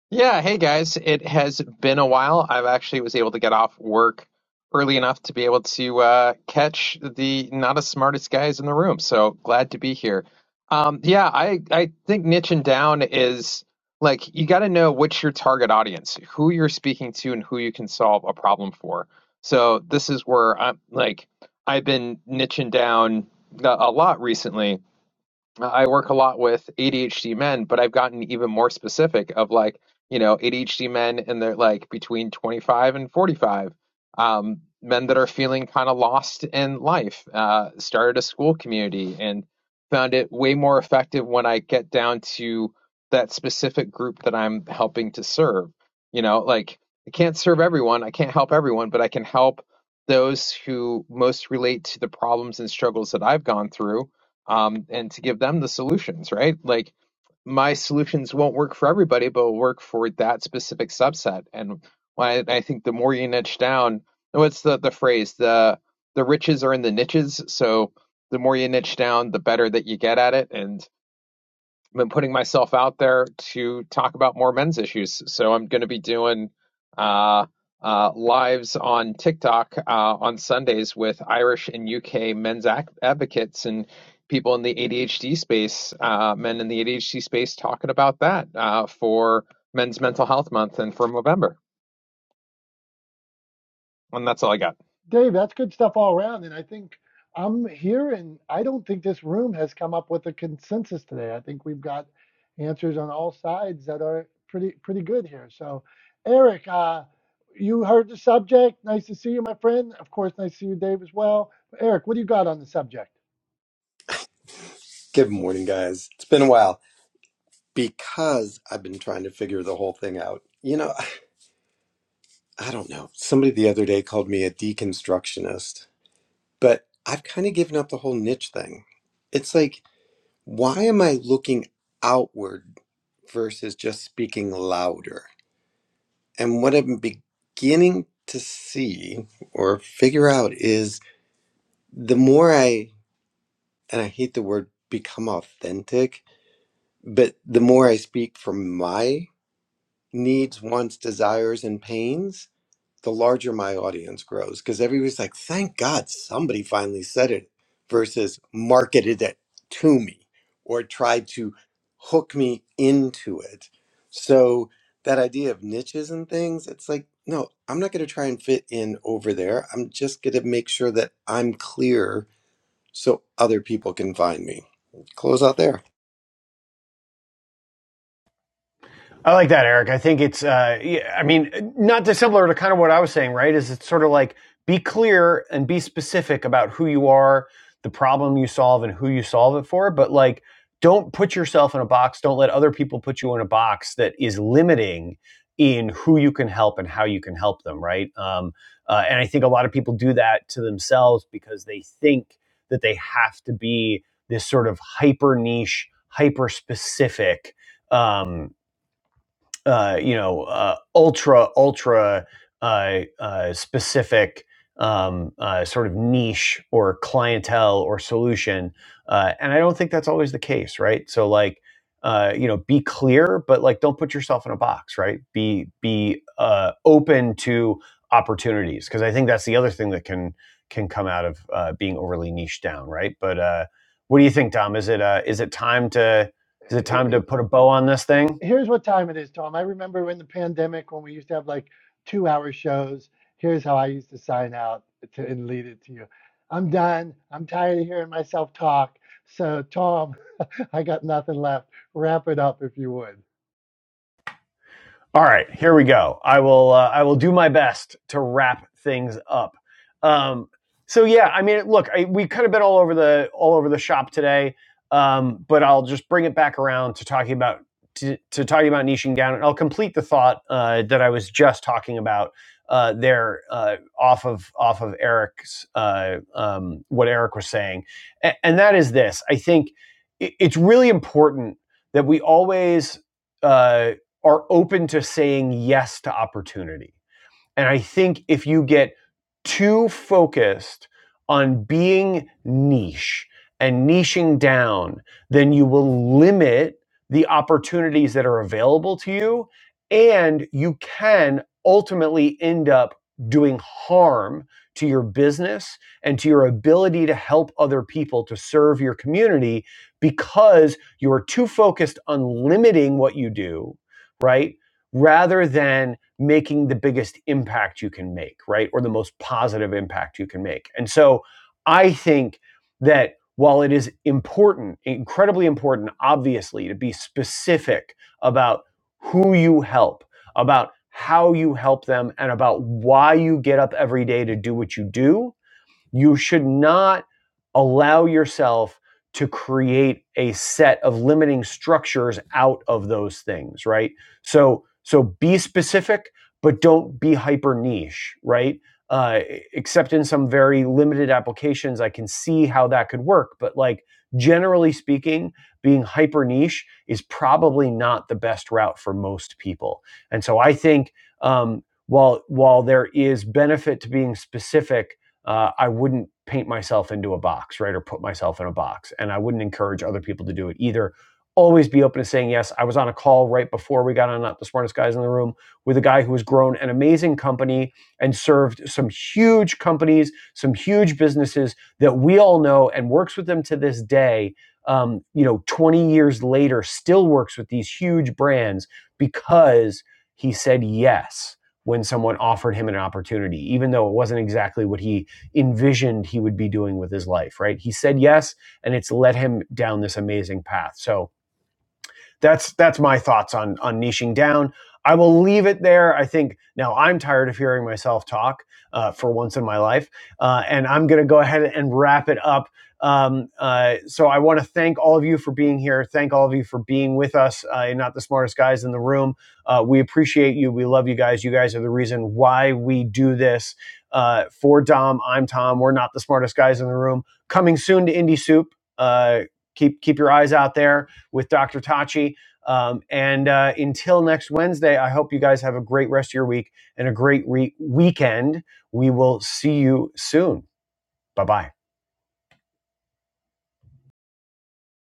Speaker 8: Yeah, hey guys. It has been a while. I've actually was able to get off work early enough to be able to uh, catch the not as smartest guys in the room. So glad to be here. Um, yeah, I I think niching down is like you got to know what's your target audience, who you're speaking to, and who you can solve a problem for. So this is where I'm like I've been niching down a a lot recently I work a lot with ADHD men, but I've gotten even more specific of like, you know, ADHD men and they're like between 25 and 45. Um, men that are feeling kind of lost in life. Uh, started a school community and found it way more effective when I get down to that specific group that I'm helping to serve. You know, like I can't serve everyone, I can't help everyone, but I can help those who most relate to the problems and struggles that I've gone through um, and to give them the solutions, right? Like my solutions won't work for everybody, but will work for that specific subset. And when I, I think the more you niche down, what's the, the phrase? The the riches are in the niches. So the more you niche down, the better that you get at it. And been putting myself out there to talk about more men's issues. So I'm going to be doing uh, uh, lives on TikTok uh, on Sundays with Irish and UK men's advocates and people in the ADHD space, uh, men in the ADHD space, talking about that uh, for Men's Mental Health Month and for November. And that's all I got.
Speaker 1: Dave, that's good stuff all around. And I think I'm here, and I don't think this room has come up with a consensus today. I think we've got answers on all sides that are pretty pretty good here. So, Eric, uh, you heard the subject. Nice to see you, my friend. Of course, nice to see you, Dave, as well. Eric, what do you got on the subject?
Speaker 9: Good morning, guys. It's been a while because I've been trying to figure the whole thing out. You know, I I don't know. Somebody the other day called me a deconstructionist, but I've kind of given up the whole niche thing. It's like, why am I looking outward versus just speaking louder? And what I'm beginning to see or figure out is the more I, and I hate the word become authentic, but the more I speak from my needs, wants, desires, and pains, the larger my audience grows. Because everybody's like, thank God somebody finally said it versus marketed it to me or tried to hook me into it. So that idea of niches and things, it's like, no, I'm not going to try and fit in over there. I'm just going to make sure that I'm clear so other people can find me. Close out there.
Speaker 2: I like that, Eric. I think it's, uh, yeah, I mean, not dissimilar to kind of what I was saying, right? Is it's sort of like be clear and be specific about who you are, the problem you solve, and who you solve it for. But like, don't put yourself in a box. Don't let other people put you in a box that is limiting in who you can help and how you can help them, right? Um, uh, and I think a lot of people do that to themselves because they think that they have to be this sort of hyper niche, hyper specific um, uh, you know, uh, ultra ultra uh, uh, specific um, uh, sort of niche or clientele or solution. Uh, and I don't think that's always the case, right? So like, uh, you know, be clear, but like, don't put yourself in a box, right? Be be uh, open to opportunities because I think that's the other thing that can can come out of uh, being overly niche down, right? But uh, what do you think, Dom? Is it uh, is it time to is it time to put a bow on this thing?
Speaker 1: here's what time it is, Tom. I remember in the pandemic when we used to have like two hour shows. Here's how I used to sign out to, and lead it to you. I'm done. I'm tired of hearing myself talk. So, Tom, I got nothing left. Wrap it up if you would.
Speaker 2: All right, here we go. I will uh, I will do my best to wrap things up. Um, so yeah, I mean, look, I, we could have been all over the all over the shop today, um, but I'll just bring it back around to talking about to, to talking about niching down, and I'll complete the thought uh, that I was just talking about uh, there uh, off of off of Eric's uh, um, what Eric was saying, and, and that is this. I think it, it's really important that we always. Uh, are open to saying yes to opportunity and I think if you get too focused on being niche and niching down, then you will limit the opportunities that are available to you. And you can ultimately end up doing harm to your business and to your ability to help other people to serve your community because you are too focused on limiting what you do, right? Rather than making the biggest impact you can make, right? Or the most positive impact you can make. And so I think that while it is important, incredibly important, obviously, to be specific about who you help, about how you help them, and about why you get up every day to do what you do, you should not allow yourself to create a set of limiting structures out of those things, right? So so be specific, but don't be hyper niche, right? Uh, except in some very limited applications, I can see how that could work. But like generally speaking, being hyper niche is probably not the best route for most people. And so I think um, while while there is benefit to being specific, uh, I wouldn't paint myself into a box, right? Or put myself in a box. And I wouldn't encourage other people to do it either. Always be open to saying yes. I was on a call right before we got on Not the Smartest Guys in the Room with a guy who has grown an amazing company and served some huge companies, some huge businesses that we all know and works with them to this day. Um, you know, 20 years later, still works with these huge brands because he said yes when someone offered him an opportunity, even though it wasn't exactly what he envisioned he would be doing with his life, right? He said yes, and it's led him down this amazing path. So that's that's my thoughts on on niching down. I will leave it there. I think now I'm tired of hearing myself talk uh, for once in my life, uh, and I'm going to go ahead and wrap it up. Um, uh, so I want to thank all of you for being here. Thank all of you for being with us. Uh, you're not the smartest guys in the room. Uh, we appreciate you. We love you guys. You guys are the reason why we do this. Uh, for Dom, I'm Tom. We're not the smartest guys in the room. Coming soon to Indie Soup. Uh, keep keep your eyes out there with Dr. Tachi. Um, and uh, until next Wednesday, I hope you guys have a great rest of your week and a great re- weekend. We will see you soon. Bye bye.